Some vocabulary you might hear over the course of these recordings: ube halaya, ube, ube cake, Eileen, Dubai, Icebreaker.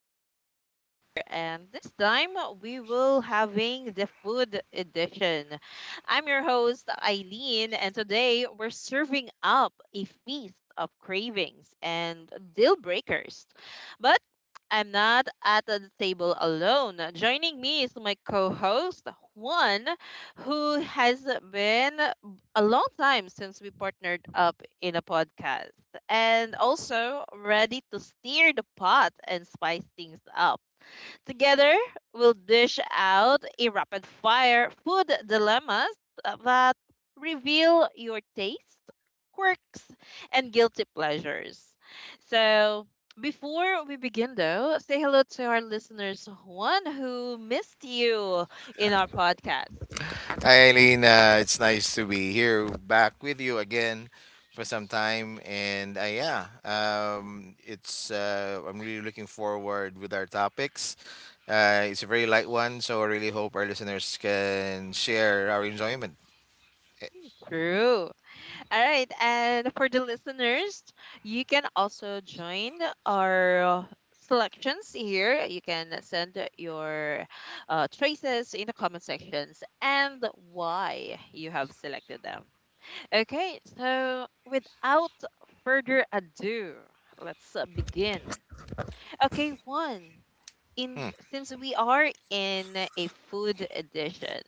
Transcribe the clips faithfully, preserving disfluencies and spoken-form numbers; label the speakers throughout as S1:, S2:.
S1: Icebreaker, and this time we will having the food edition. I'm your host Eileen, and today we're serving up a feast of cravings and deal breakers. But I'm not at the table alone. Joining me is my co-host Juan, who has been a long time since we partnered up in a podcast, and also ready to stir the pot and spice things up. Together, we'll dish out a rapid fire food dilemmas that reveal your taste, quirks, and guilty pleasures. So, before we begin, though, say hello to our listeners, one who missed you in our podcast.
S2: Hi, Eileen. Uh, it's nice to be here back with you again for some time. And uh, yeah, um, it's uh, I'm really looking forward with our topics. Uh, it's a very light one, so I really hope our listeners can share our enjoyment.
S1: True. All right. And for the listeners, you can also join our selections here. You can send your uh, traces in the comment sections and why you have selected them. Okay. So without further ado, let's uh, begin. Okay. One. In
S2: Hmm.
S1: since we are in a food edition.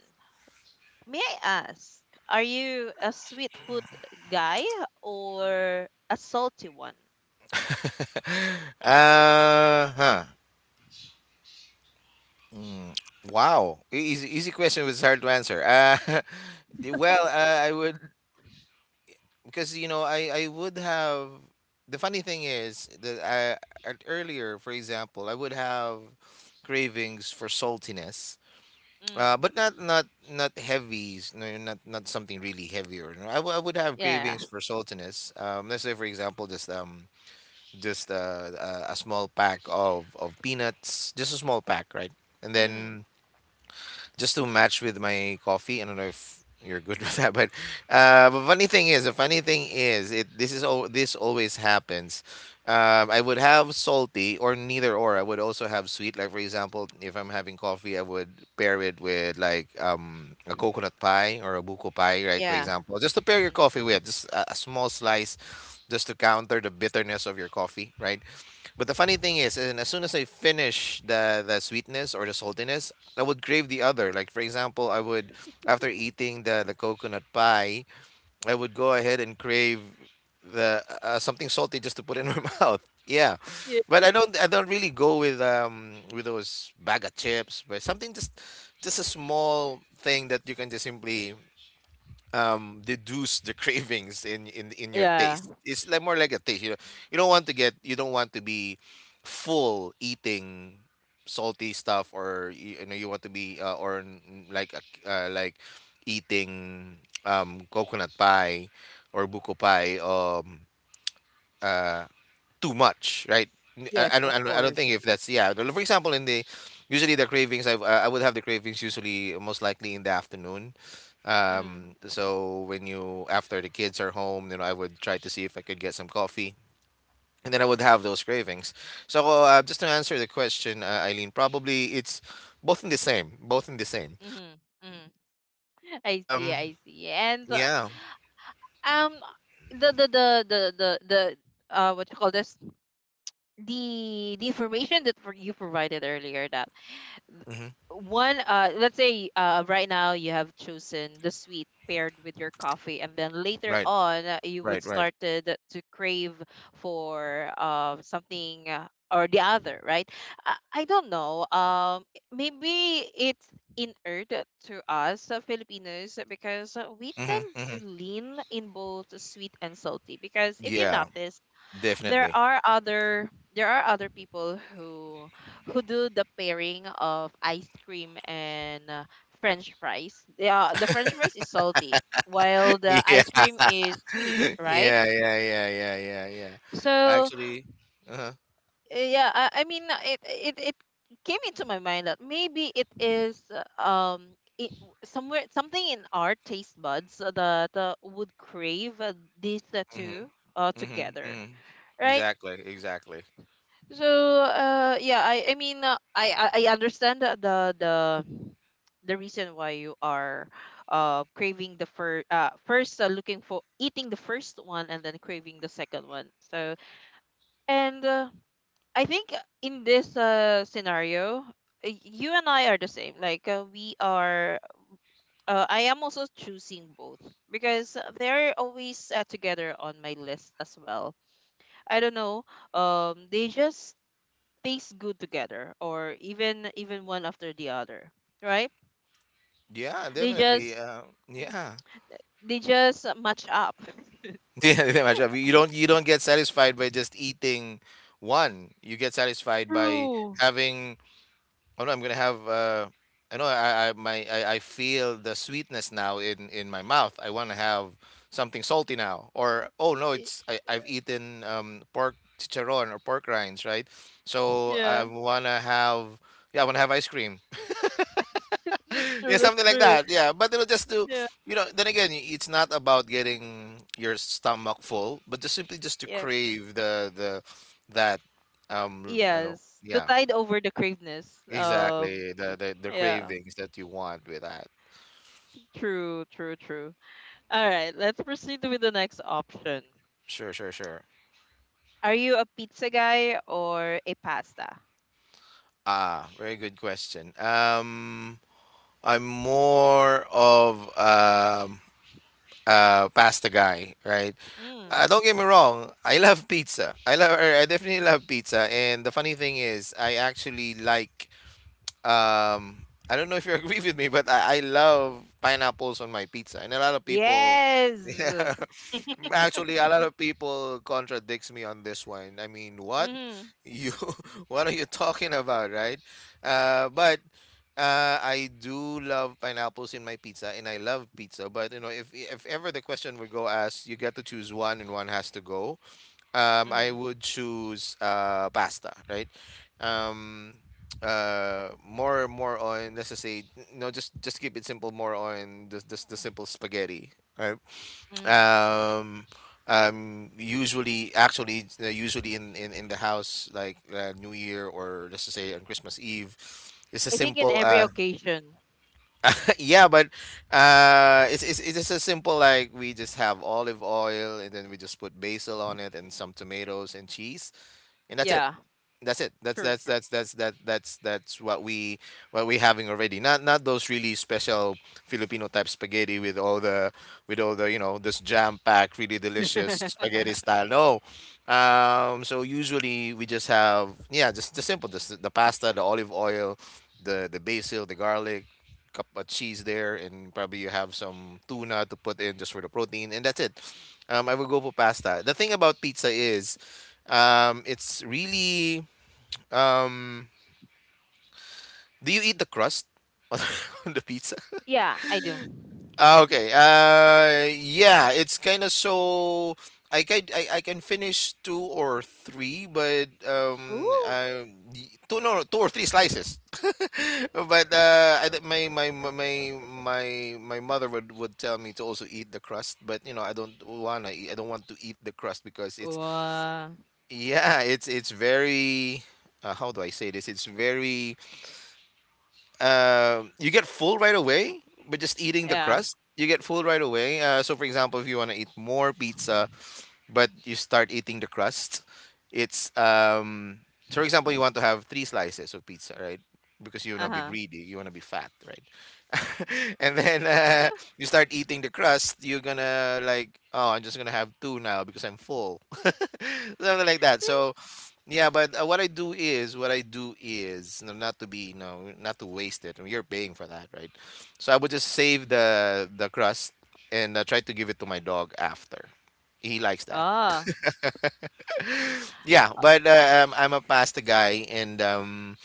S1: May I ask, are you a sweet food guy or a salty one?
S2: uh, huh. Mm. Wow. E- Easy, easy question was hard to answer. Uh, well, uh, I would, because you know I I would have, the funny thing is that I, at earlier for example I would have cravings for saltiness, uh
S1: Mm.
S2: but not not not heavy, no, not not something really heavy or no, I, w- I would have
S1: Yeah.
S2: cravings for saltiness, um let's say for example just um just uh, a, a small pack of of peanuts, just a small pack, right? And
S1: Mm.
S2: then just to match with my coffee. I don't know if you're good with that, but uh, but funny thing is, the funny thing is, it this is all, this always happens. Um, I would have salty or neither, or I would also have sweet. Like for example, if I'm having coffee, I would pair it with like um, a coconut pie or a buko pie, right? For
S1: Yeah.
S2: example, just to pair your
S1: Mm.
S2: coffee with just a, a small slice, just to counter the bitterness of your coffee, right? But the funny thing is, and as soon as I finish the the sweetness or the saltiness, I would crave the other. Like for example, I would, after eating the the coconut pie, I would go ahead and crave the uh, uh, something salty just to put in my mouth. Yeah,
S1: Yeah.
S2: but I don't I don't really go with um with those bag of chips, but something just just a small thing that you can just simply um deduce the cravings in in in your
S1: Yeah.
S2: taste. It's like more like a taste, you know, you don't want to get, you don't want to be full eating salty stuff, or y- you know, you want to be uh, or n- like a c- uh, like eating um coconut pie or buko pie um uh too much, right? N-
S1: Yes,
S2: I, I
S1: of
S2: don't, I don't, I don't
S1: course.
S2: think if that's, yeah. the- For example, in the, usually the cravings, I, I I would have the cravings usually most likely in the afternoon.
S1: Mm.
S2: Um, so when you, after the kids are home, you know, I would try to see if I could get some coffee, and then I would have those cravings. So uh, just to answer the question, uh, Eileen, probably it's both in the same, both in the same.
S1: Mm. Mm. I see.
S2: Um,
S1: I see. And uh,
S2: yeah.
S1: um, the the the the the, the uh, what you call this? The the information that for you provided earlier, that
S2: Hmm.
S1: one, uh let's say uh right now you have chosen the sweet paired with your coffee, and then later
S2: Right.
S1: on uh, you would
S2: Right. Right.
S1: started to crave for uh something, uh, or the other, right? I, I don't know, um maybe it's inured to us, uh, Filipinos, because uh, we
S2: Hmm.
S1: tend
S2: Hmm.
S1: to lean in both sweet and salty. Because if you
S2: Yeah.
S1: notice, there
S2: Definitely.
S1: are other there are other people who who do the pairing of ice cream and, uh, french fries. Yeah, the french fries is salty while the
S2: Yeah.
S1: ice cream is sweet, right?
S2: Yeah, yeah, yeah, yeah, yeah, yeah.
S1: So
S2: Actually, uh-huh.
S1: uh, yeah i, I mean, uh, it, it it came into my mind that maybe it is, uh, um it, somewhere something in our taste buds, uh, that uh, would crave uh, these uh, two
S2: Mm-hmm.
S1: uh,
S2: Mm-hmm.
S1: together,
S2: Mm-hmm.
S1: right?
S2: Exactly, exactly.
S1: So uh yeah, I I mean, uh, I I I understand the the the the reason why you are uh craving the first, uh first uh, looking for eating the first one and then craving the second one. So, and uh, I think in this uh scenario, y- you and I are the same. Like, uh, we are uh, I am also choosing both, because they're always uh, together on my list as well. I don't know. Um they just tastes good together, or even even one after the other, right?
S2: Yeah,
S1: they
S2: definitely.
S1: just
S2: Uh,
S1: mm,
S2: yeah.
S1: they just match up.
S2: Yeah, imagine. You don't you don't get satisfied by just eating one. You get satisfied by
S1: True.
S2: having, oh no, I'm gonna have. Uh, I know. I I my I, I feel the sweetness now in in my mouth. I want to have something salty now. Or oh no,
S1: Y-
S2: it's, I I've eaten um pork chicharron or pork rinds, right? So I
S1: yeah
S2: wanna have. Yeah, I wanna have ice cream.
S1: That's
S2: Yeah,
S1: true, that's
S2: something like
S1: true.
S2: that. Yeah, but it'll just do.
S1: Yeah.
S2: You know, then again, y- it's not about getting your stomach full, but just simply just to
S1: Yeah.
S2: crave the the that, um you know,
S1: Yes, to
S2: yeah.
S1: tide over the craveness, um
S2: Exactly. The, the the
S1: yeah,
S2: cravings that you want with that.
S1: true, true, true. All right, let's proceed with the next option.
S2: Sure, sure, sure.
S1: Are you a pizza guy or a pasta?
S2: Ah, very good question. Um, I'm more of um uh pasta guy, right?
S1: Mm.
S2: Uh, don't get me wrong. I love pizza. I love. er, I definitely love pizza. And the funny thing is, I actually like, Um, I don't know if you agree with me, but I, I love pineapples on my pizza, and a lot of people.
S1: Yes.
S2: Yeah, actually, a lot of people contradicts me on this one. I mean, what
S1: Mm-hmm,
S2: you, what are you talking about, right? Uh, but uh, I do love pineapples in my pizza, and I love pizza. But you know, if if ever the question would go as you get to choose one and one has to go, um, I would choose uh, pasta, right? Um, uh, more more on, let's just say, no, just just keep it simple. More on the the, the simple spaghetti, right?
S1: mm-hmm.
S2: Um, um, usually, actually, uh, usually in, in, in the house, like uh, New Year or let's just say on Christmas Eve, it's a
S1: I think in
S2: simple
S1: every
S2: uh
S1: occasion.
S2: yeah, but uh it's, it's it's just a simple, like we just have olive oil and then we just put basil on it and some tomatoes and cheese, and that's it,
S1: Yeah.
S2: that's it, that's
S1: True,
S2: that's
S1: true.
S2: that's that's that that's that's what we, what we having already. Not not those really special filipino type spaghetti with all the, with all the, you know, this jam packed really delicious spaghetti style. No, um so usually we just have, yeah, just the simple, just the pasta, the olive oil, the the basil, the garlic, cup of cheese there, and probably you have some tuna to put in just for the protein, and that's it. um I would go for pasta. The thing about pizza is, um it's really um, do you eat the crust on the pizza?
S1: Yeah, I do.
S2: Ah, okay. Uh, yeah, it's kind of, so I can, I, I can finish two or three, but um,
S1: Ooh.
S2: uh, y- two, no, no, two or three slices. but uh, I, don't- my, my my my my my mother would would tell me to also eat the crust, but you know I don't wanna eat, I don't want to eat the crust because it's,
S1: Wow.
S2: yeah, it's it's very, uh, how do I say this? It's very uh, you get full right away. But just eating the
S1: Yeah.
S2: crust, you get full right away. Uh, so, for example, if you want to eat more pizza, but you start eating the crust. It's um So for example you want to have three slices of pizza, right? Because you wanna be
S1: Uh-huh.
S2: greedy, you wanna be fat, right? And then uh, you start eating the crust, you're gonna like, oh, I'm just gonna have two now because I'm full, something like that. So yeah, but uh, what I do is, what I do is, no, not to be, no, not to waste it. I mean, you're paying for that, right? So I would just save the the crust and uh, try to give it to my dog after. He likes that.
S1: Oh.
S2: Yeah, but uh, um, I'm a pasta guy, and um,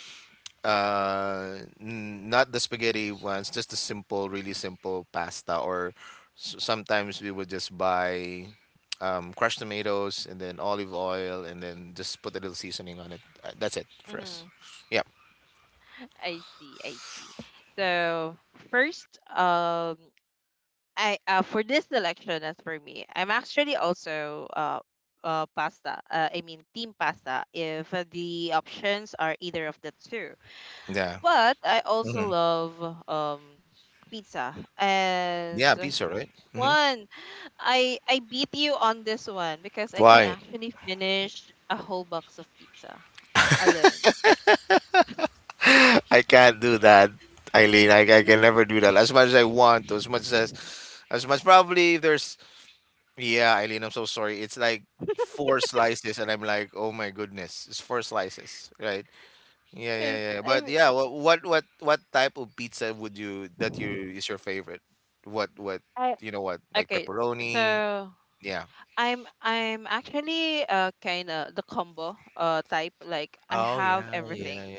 S2: uh, n- not the spaghetti ones, just the simple, really simple pasta. Or s- sometimes we would just buy um, crushed tomatoes and then olive oil, and then just put a little seasoning on it. Uh, That's it for us.
S1: Mm-hmm.
S2: Yeah,
S1: I see, I see. So first, um, I, uh, for this selection, as for me, I'm actually also, uh, uh pasta. Uh, I mean, team pasta. If uh, the options are either of the two,
S2: yeah,
S1: but I also
S2: hmm,
S1: love, um pizza, and
S2: yeah. Pizza, right? Hmm.
S1: one. I I beat you on this one because I can
S2: Why?
S1: actually finish a whole box of pizza alone.
S2: I can't do that, Eileen. I, I can never do that. As much as I want to, as much as as much, probably if there's, yeah, Eileen, I'm so sorry. It's like four slices, and I'm like, oh my goodness, it's four slices, right? Yeah, yeah,
S1: Yes,
S2: yeah. yeah. But
S1: I
S2: yeah, what, what, what, what type of pizza would you, that you, is your favorite? What, what,
S1: I
S2: you know what, like
S1: okay.
S2: pepperoni?
S1: So.
S2: Yeah.
S1: I'm I'm actually uh kind of the combo uh type, like I
S2: Oh
S1: have
S2: yeah, yeah,
S1: everything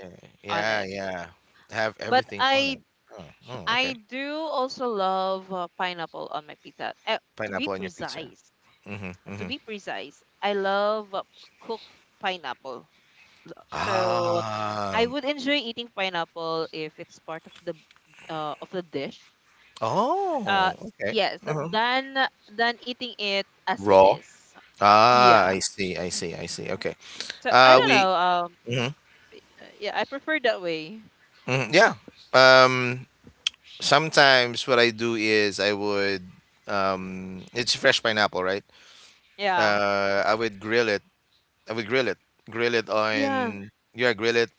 S1: on
S2: yeah, yeah,
S1: it.
S2: yeah. Have
S1: But
S2: everything on
S1: I
S2: it. Oh, oh, okay.
S1: I do also love uh, pineapple on my pizza. Uh, to be
S2: Pineapple on your pizza.
S1: precise,
S2: Mm-hmm,
S1: to
S2: mm-hmm.
S1: be precise, I love uh, cooked pineapple. So I
S2: Um.
S1: would enjoy eating pineapple if it's part of the uh of the dish. Uh
S2: Oh, okay.
S1: yes,
S2: Uh-huh.
S1: than than eating it as it
S2: Raw.
S1: is.
S2: Ah,
S1: Yeah.
S2: I see, I see, I see. Okay.
S1: So I
S2: Uh,
S1: don't
S2: we,
S1: know. uh,
S2: mhm,
S1: Uh, yeah, I prefer that way.
S2: mhm, yeah. Um, sometimes what I do is I would, um, it's fresh pineapple, right?
S1: Yeah.
S2: Uh, I would grill it. I would grill it. Grill it
S1: Yeah.
S2: on, yeah, grill it.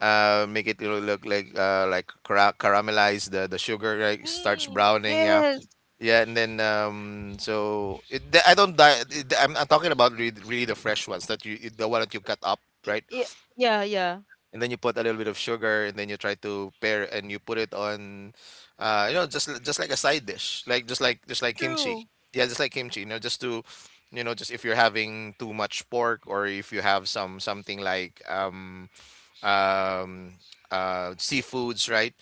S2: Uh, make it lo- look like uh like cara caramelize the the sugar, like starts
S1: Mm,
S2: browning, yeah,
S1: yes.
S2: yeah. And then um so it, the- I don't di- it- I'm, I'm talking about really, really the fresh ones that you, the one that you cut up, right?
S1: Yeah, yeah, yeah.
S2: And then you put a little bit of sugar and then you try to pair it and you put it on, uh you know, just li- just like a side dish, like just like, just like kimchi,
S1: True.
S2: yeah, just like kimchi, you know, just to, you know, just if you're having too much pork or if you have some something like um um uh seafoods, right?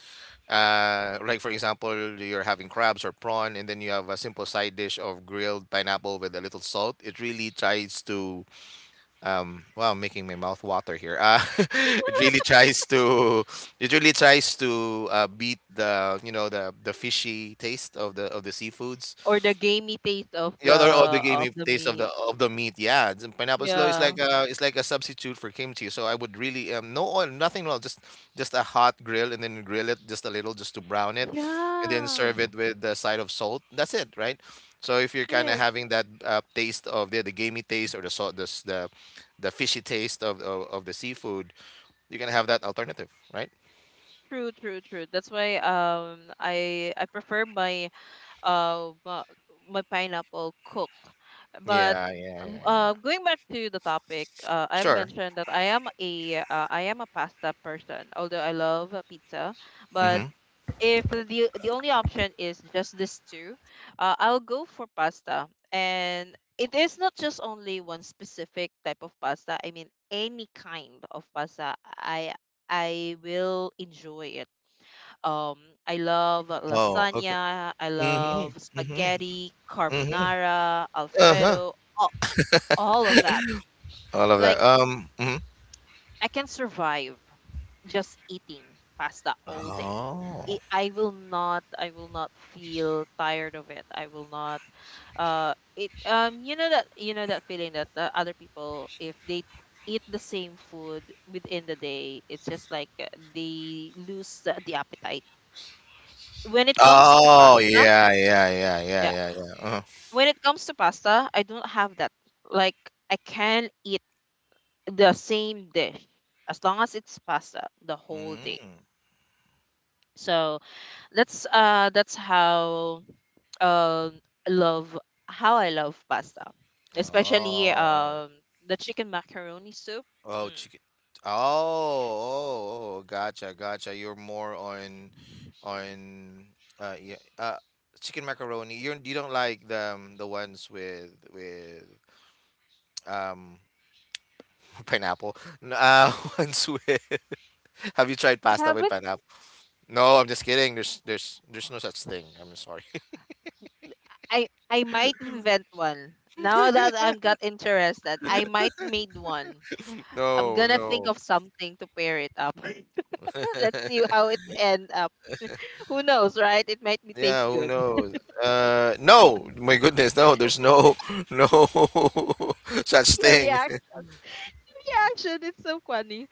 S2: uh Like for example you're having crabs or prawn and then you have a simple side dish of grilled pineapple with a little salt. It really tries to, um wow, I'm making my mouth water here. Uh it really tries to, it really tries to uh, beat the, you know, the the fishy taste of the of the seafoods,
S1: Or the gamey taste of
S2: the
S1: the
S2: other order gave
S1: of
S2: me
S1: the
S2: taste of
S1: meat.
S2: the of the meat. Yeah, it's- pineapple slow is
S1: Yeah.
S2: like a, it's like a substitute for kimchi. So I would really um no oil, nothing at just just a hot grill and then grill it just a little just to brown it, and then
S1: Yeah.
S2: serve it with the side of salt. That's it, right? So if you're kind of
S1: Yes.
S2: having that uh, taste of the the gamey taste or the salt the s- the, the fishy taste of, of of the seafood, you can have that alternative, right?
S1: True, true, true. That's why, um I I prefer my uh my, my pineapple cook. But,
S2: Yeah, yeah, yeah,
S1: um,
S2: yeah.
S1: uh going back to the topic, uh I've
S2: Sure.
S1: mentioned that I am a, uh, I am a pasta person, although I love uh, pizza, but
S2: Mm-hmm.
S1: if the the only option is just these two, uh, I'll go for pasta. And it is not just only one specific type of pasta. I mean, any kind of pasta, I I will enjoy it. Um, I love
S2: Oh, okay.
S1: lasagna. I love
S2: Mm-hmm. Mm-hmm.
S1: spaghetti,
S2: Mm-hmm.
S1: carbonara,
S2: Uh-huh.
S1: Alfredo, all, all of that.
S2: I love
S1: Like
S2: that. Um. Mhm.
S1: I can survive, just eating pasta all day.
S2: Oh.
S1: It, I will not, I will not feel tired of it. I will not, uh it um you know that you know that feeling that, uh, other people, if they eat the same food within the day, it's just like, uh, they lose the, the appetite. When it comes to
S2: Oh,
S1: pasta,
S2: yeah, yeah, yeah, yeah,
S1: yeah,
S2: yeah, yeah. Uh-huh.
S1: when it comes to pasta, I don't have that. Like I can eat the same dish as long as it's pasta the whole day.
S2: Mm.
S1: So, that's uh that's how um love how I love pasta. Especially,
S2: Oh.
S1: um the chicken macaroni soup.
S2: Oh,
S1: Mm.
S2: chicken. Oh, oh, oh, gotcha, gotcha. You're more on on uh yeah, uh chicken macaroni. You you don't like the um, the ones with with um pineapple. N- Uh, ones with. Have you tried
S1: I
S2: pasta with
S1: haven't.
S2: pineapple? No, I'm just kidding. There's there's there's no such thing. I'm sorry.
S1: I I might invent one. Now that I'm got interested, I might made one. I'm
S2: No,
S1: gonna think
S2: no.
S1: of something to pair it up. Let's see how it end up. Who knows, right? It might be
S2: Yeah,
S1: taste
S2: who
S1: good.
S2: knows? Uh, no, my goodness, no, there's no no such
S1: Your
S2: thing.
S1: react reaction, it's so funny.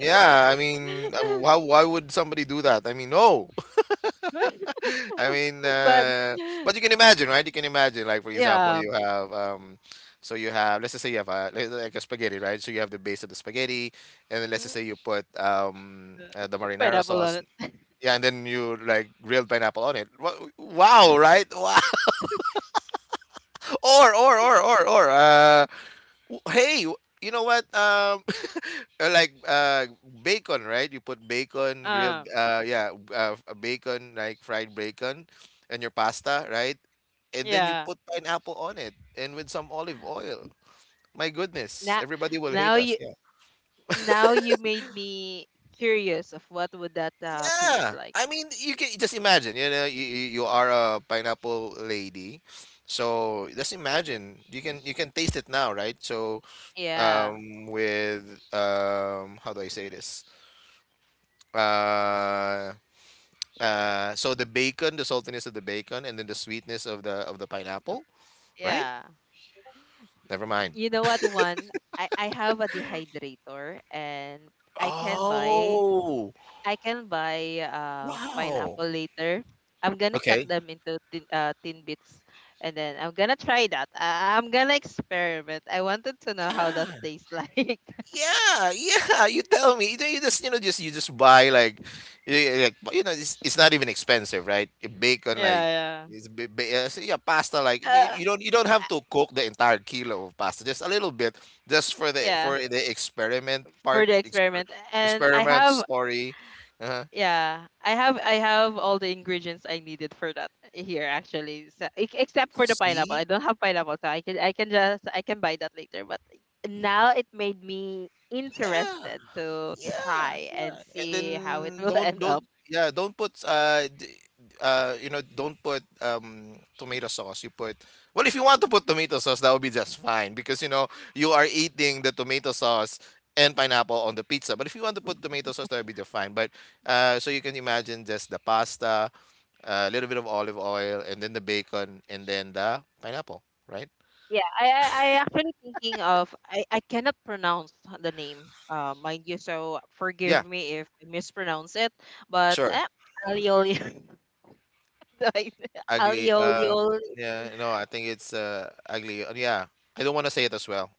S2: Yeah, I mean, uh, why why would somebody do that? I mean, no. I mean,
S1: but
S2: uh, but you can imagine, right? You can imagine, like, for example,
S1: Yeah.
S2: you have um, so you have, let's just say, you have a like like a spaghetti, right? So you have the base of the spaghetti, and then, let's
S1: Uh,
S2: just say, you put um
S1: uh,
S2: uh, the marinara
S1: Pineapple on
S2: sauce,
S1: it.
S2: yeah, and then you, like, grilled pineapple on it. Wa- Wow, right? Wow. Or or or or or uh w- hey, you know what? Um uh, like, uh bacon, right? You put bacon grilled
S1: Uh,
S2: uh yeah, b- uh f- bacon, like, fried bacon and your pasta, right? And then you
S1: yeah.
S2: put pineapple on it and with some olive oil. My goodness,
S1: Now,
S2: everybody will hate
S1: now
S2: us.
S1: you
S2: Yeah.
S1: now you made me curious of what would that uh, taste
S2: Yeah.
S1: like.
S2: I mean, you can just imagine, you know, you, you you are a pineapple lady. So just imagine, you can you can taste it now, right? So
S1: Yeah.
S2: um, with um, how do I say this? Uh, uh, so the bacon, the saltiness of the bacon, and then the sweetness of the of the pineapple, right?
S1: Yeah.
S2: Never mind.
S1: You know what one? I I have a dehydrator, and I can buy
S2: Oh,
S1: I can buy uh,
S2: wow.
S1: pineapple later. I'm gonna cut
S2: Okay.
S1: them into thin, uh, thin bits, and then I'm gonna try that. I, I'm gonna experiment. I wanted to know how that
S2: Yeah.
S1: tastes like.
S2: Yeah, yeah. You tell me. You, know, you just you know just you just buy, like, you, like, you know it's, it's not even expensive, right? Eh, bacon,
S1: Yeah,
S2: like,
S1: yeah.
S2: it's ba- ba- uh, so, yeah, pasta, like,
S1: uh,
S2: you you don't, you don't have to cook the entire kilo of pasta, just a little bit just for the
S1: yeah,
S2: for the experiment
S1: for
S2: part,
S1: the
S2: exper-
S1: experiment, and I
S2: experiment
S1: have
S2: story. Uh-huh.
S1: yeah I have I have all the ingredients I needed for that here actually. So, ex- except for the pineapple,
S2: See?
S1: I don't have pineapple, so i can i can just I can buy that later. But now it made me
S2: Yeah.
S1: interested to
S2: Yeah,
S1: try
S2: yeah.
S1: and
S2: And then
S1: see how it will
S2: don't
S1: end
S2: don't
S1: up.
S2: yeah, don't put uh d- uh you know, don't put um tomato sauce. You put— well, if you want to put tomato sauce, that would be just fine because, you know, you are eating the tomato sauce and pineapple on the pizza. But if you want to put tomato sauce, that would be just fine. But uh so you can imagine just the pasta, a little bit of olive oil and then the bacon and then the pineapple, right?
S1: Yeah, i i, I actually thinking of, I I cannot pronounce the name, uh mind you, so
S2: Yeah,
S1: forgive me if I mispronounce it. But
S2: sure.
S1: eh, alioli. like ali
S2: Ugly.
S1: oli
S2: Uh,
S1: oli.
S2: yeah, no, I think it's uh ugly. Uh, Yeah, I don't want to say it as well.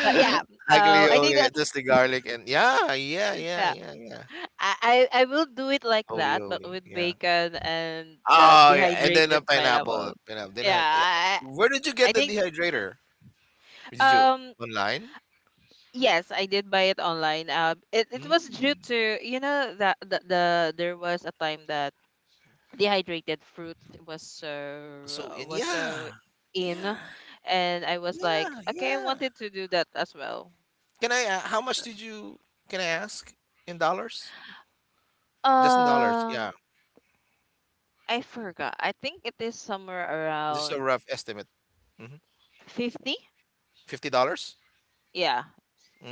S1: But yeah, uh, I think
S2: Aglioli,
S1: that,
S2: just the garlic and yeah, yeah, yeah,
S1: yeah,
S2: yeah, yeah.
S1: I, I I will do it like that, but
S2: Olioli,
S1: with
S2: yeah.
S1: bacon and the
S2: Oh, yeah, and then
S1: dehydrated
S2: a
S1: pineapple.
S2: pineapple. Pineapple. Then
S1: Yeah,
S2: I, yeah.
S1: I
S2: Where did you
S1: I
S2: get the
S1: think,
S2: dehydrator? Did you,
S1: um
S2: online?
S1: yes, I did buy it online. Um, it it was due
S2: Mm.
S1: to, you know that, the, the there was a time that dehydrated fruit was
S2: So,
S1: so
S2: and
S1: was
S2: yeah,
S1: so in,
S2: yeah,
S1: and I was like,
S2: yeah,
S1: okay, I
S2: yeah.
S1: wanted to do that as well.
S2: Can I? Uh, how much did you? Can I ask in dollars? Just in dollars. Yeah,
S1: Um, I forgot. I think it is somewhere
S2: just a
S1: around
S2: rough estimate. Hmm.
S1: fifty.
S2: Fifty dollars?
S1: Yeah,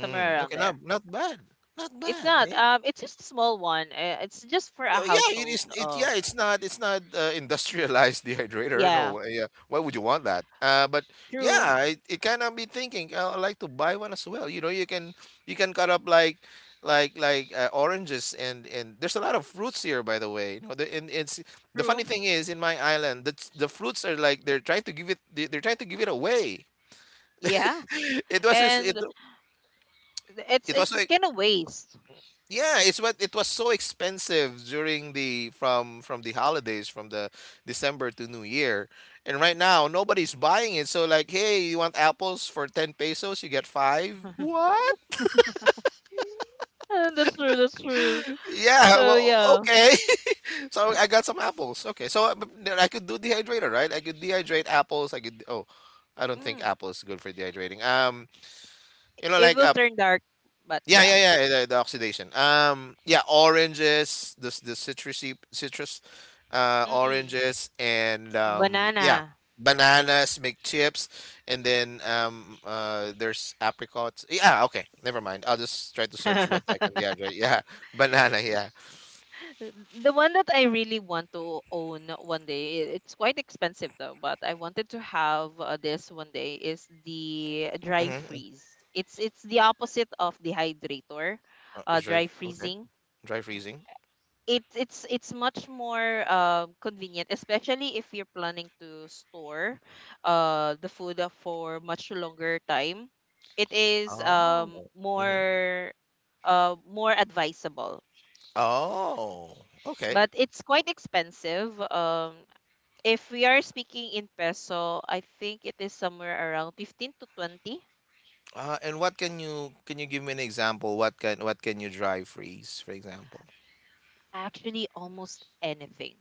S1: somewhere around
S2: okay,
S1: there.
S2: not not bad, not
S1: It's
S2: bad.
S1: not.
S2: Hey,
S1: Um, it's just a small one. Uh, It's just for a
S2: oh, yeah, it
S1: household.
S2: is. It yeah,
S1: Um,
S2: it's not it's not uh, industrialized dehydrator.
S1: yeah.
S2: No, uh, yeah. Why would you want that? Uh, but
S1: True.
S2: yeah, it, it kind of be thinking. Oh, I like to buy one as well. You know, you can you can cut up like, like like uh, oranges, and and there's a lot of fruits here, by the way. You know, the, and it's, the
S1: True.
S2: funny thing is, in my island the the fruits are like they're trying to give it, they, they're trying to give it away.
S1: Yeah,
S2: It was just— it
S1: and th- it's
S2: it was
S1: it's
S2: like,
S1: kind of waste.
S2: yeah, it's, what, it was so expensive during the from from the holidays, from the December to New Year. And right now nobody's buying it. So, like, hey, you want apples for ten pesos, you get five. What?
S1: Uh, that's true. That's true.
S2: Yeah,
S1: So
S2: well,
S1: yeah,
S2: okay. So I got some apples. Okay. So I- but then I could do dehydrator, right? I could dehydrate apples. I could Oh, I don't think
S1: mm,
S2: apples is good for dehydrating. Um, you know,
S1: it
S2: like,
S1: will
S2: uh,
S1: turn dark. But
S2: yeah,
S1: yeah,
S2: yeah, yeah. The, the oxidation. Um, yeah, oranges, the the citrusy citrus, uh,
S1: mm-mm,
S2: oranges, and um,
S1: banana.
S2: yeah, bananas make chips, and then um, uh, there's apricots. Yeah, okay, never mind. I'll just try to search what I can dehydrate. Yeah, banana. Yeah.
S1: The the one that I really want to own one day, i- it's quite expensive though, but I wanted to have, uh, this one day, is the dry
S2: Mm-hmm.
S1: freeze. It's it's the opposite of dehydrator, uh,
S2: Is dry
S1: dry
S2: okay?
S1: freezing.
S2: Dry
S1: Mm.
S2: freezing.
S1: It, it's it's much more uh, convenient, especially if you're planning to store uh, the food uh, for much longer time. It is, um,
S2: Oh. Mm-hmm.
S1: more uh, more advisable.
S2: Oh.
S1: S-
S2: Okay.
S1: But it's quite expensive. Um, if we are speaking in peso, I think it is somewhere around fifteen to twenty.
S2: Uh, and what can you can you give me an example? What can what can you dry freeze, for example?
S1: Actually, almost anything.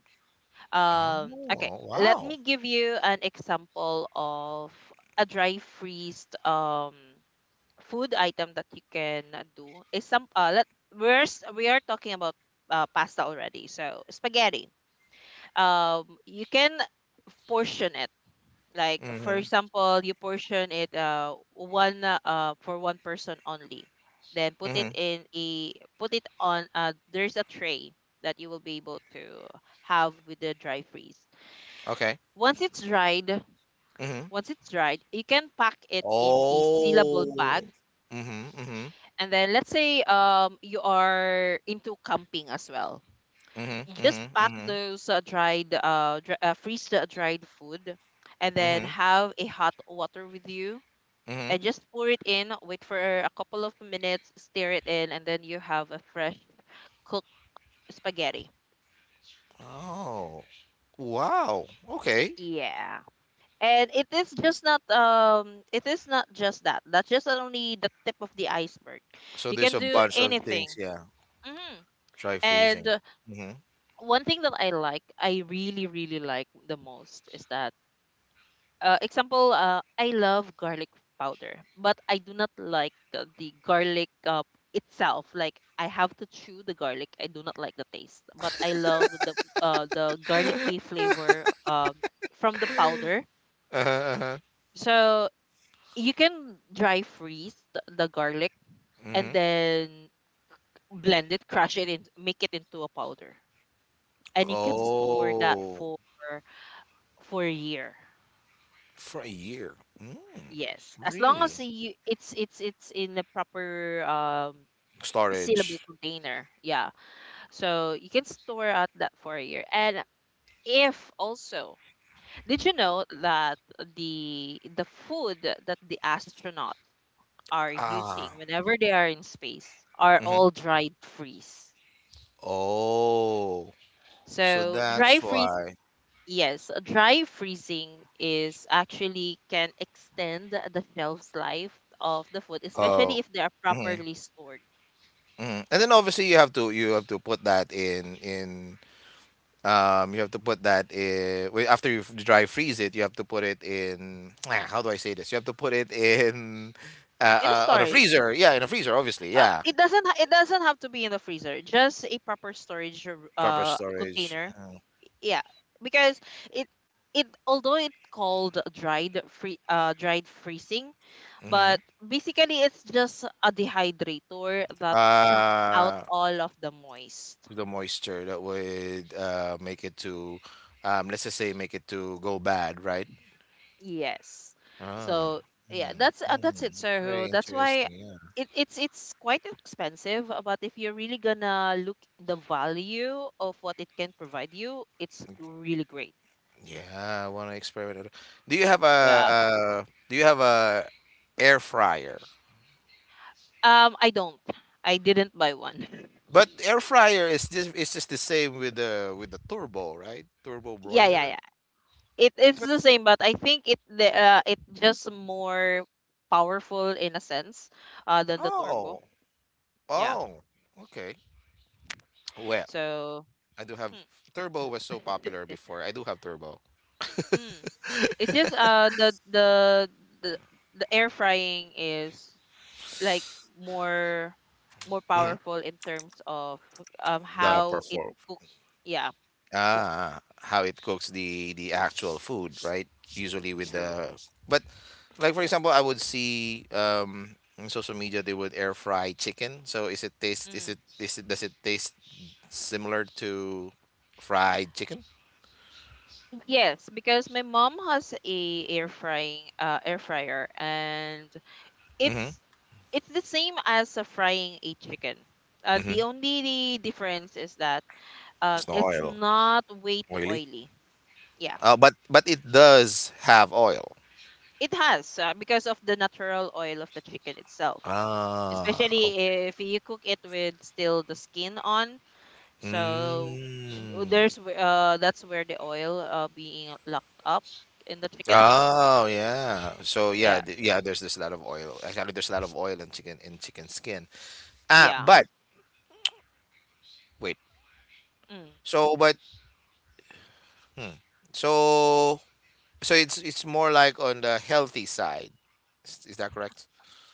S1: Um, okay,
S2: Oh,
S1: let
S2: wow.
S1: me give you an example of a dry freezed, um food item that you can do. Is some uh let we're s- we are talking about uh, pasta already. So, spaghetti. Um, you can portion it. Like for
S2: Mhm,
S1: example, you portion it uh one uh uh, for one person only. Then put it
S2: mhm,
S1: in a put it on uh there's a tray that you will be able to have with the dry freeze.
S2: okay,
S1: Once it's dried,
S2: mhm.
S1: once it's dried, you can pack it in a sealable bag.
S2: Oh. Mhm, mhm,
S1: And then let's say, um you are into camping as well.
S2: mhm,
S1: You just
S2: mhm,
S1: pack
S2: mhm,
S1: those uh, dried uh, dry, uh freeze the dried food, and then
S2: mhm,
S1: have a hot water with you, and
S2: mhm.
S1: just pour it in, wait for a couple of minutes, stir it in, and then you have a fresh cooked spaghetti.
S2: Oh, wow, okay.
S1: Yeah. And it is just not, um it is not just that. That's just only the tip of the iceberg.
S2: So
S1: You
S2: there's
S1: can
S2: a
S1: do
S2: bunch of
S1: anything.
S2: things, yeah.
S1: Hmm.
S2: Dry
S1: And,
S2: freezing.
S1: uh,
S2: Mhm.
S1: one thing that I like, I really really like the most, is that, Uh, example, uh, I love garlic powder, but I do not like uh, the garlic, uh, itself. Like I have to chew the garlic. I do not like the taste, but I love the uh, the garlicky flavor um, from the powder.
S2: Uh-huh, uh-huh.
S1: So you can dry freeze the, the garlic and
S2: Mhm.
S1: then blend it, crush it, and make it into a powder. And you can store that
S2: Oh,
S1: for for a year.
S2: for a year. Mm,
S1: Yes, as long as
S2: really?
S1: you it's it's it's in a proper um sealable
S2: Storage.
S1: container. Yeah. So you can store out that for a year. And if also, did you know that the the food that the astronauts are
S2: Ah.
S1: using whenever they are in space are
S2: Mhm.
S1: all dried freeze.
S2: Oh, so
S1: So dry
S2: that's
S1: freeze.
S2: why.
S1: Yes, uh, dry freezing is actually can extend the shelf's life of the food, especially
S2: Oh.
S1: if they are
S2: Mm-hmm.
S1: properly stored.
S2: Mhm. And then obviously you have to you have to put that in in um you have to put that in— wait, after you f- dry freeze it, you have to put it in, how do I say this, you have to put it in uh,
S1: In a
S2: uh on a
S1: storage.
S2: freezer, yeah, in a freezer, obviously,
S1: Uh,
S2: yeah,
S1: it doesn't ha- it doesn't have to be in the freezer. Just a proper storage r-
S2: proper
S1: uh
S2: storage,
S1: container.
S2: mm-hmm.
S1: Yeah, because it it although it called dried free uh dried freezing,
S2: Mm-hmm.
S1: but basically it's just a dehydrator that sucks out
S2: uh
S1: all of the moist.
S2: the moisture that would uh make it to, um let's just say, make it to go bad, right?
S1: Yes.
S2: Ah.
S1: So yeah, that's uh,
S2: Mm-hmm.
S1: that's it,
S2: Mm-hmm. It's
S1: sir.
S2: very
S1: That's why
S2: interesting, yeah.
S1: it, it's it's quite expensive, uh, but if you're really gonna look the value of what it can provide you, it's really great.
S2: Yeah, I want to experiment it. Do you have a
S1: Yeah.
S2: uh, do you have a air fryer?
S1: Um, I don't. I didn't buy one.
S2: But air fryer is just it's just the same with the with the turbo, right? Turbo
S1: Yeah, yeah,
S2: broiler.
S1: yeah. It it's
S2: But
S1: the same, but I think it the uh, it just more powerful in a sense, uh, than the turbo.
S2: Oh,
S1: Yeah.
S2: oh, okay. Well,
S1: So.
S2: I do have—
S1: Hmm.
S2: turbo was so popular before. I do have turbo.
S1: It's just uh the the the the air frying is like more more
S2: Hmm.
S1: powerful in terms of um
S2: The
S1: how it
S2: perform.
S1: cook, yeah, cook
S2: Ah, how it cooks the the actual food, right? Usually with
S1: through.
S2: the but, like, for example, I would see um in social media they would air fry chicken. So, is it taste is
S1: Mm.
S2: it is it does it taste similar to fried chicken?
S1: Yes, because my mom has a air frying uh air fryer and
S2: Mhm.
S1: it's it's the same as uh, frying a chicken. Uh,
S2: Mhm.
S1: the only difference is that uh,
S2: It's no
S1: it's
S2: oil.
S1: not way too
S2: Oily.
S1: oily. Yeah.
S2: Uh, but but it does have oil.
S1: It has uh, because of the natural oil of the chicken itself,
S2: Ah,
S1: especially
S2: okay.
S1: if you cook it with still the skin on. So uh,
S2: Mm.
S1: there's wh- uh that's where the oil uh being locked up in the chicken.
S2: Oh, yeah. So, yeah,
S1: Yeah,
S2: th- yeah. There's there's a lot of oil. Actually, there's a lot of oil in chicken in chicken skin. Ah,
S1: yeah.
S2: but wait.
S1: Mm.
S2: So, but hmm. so so it's it's more like on the healthy side. Is, is that correct?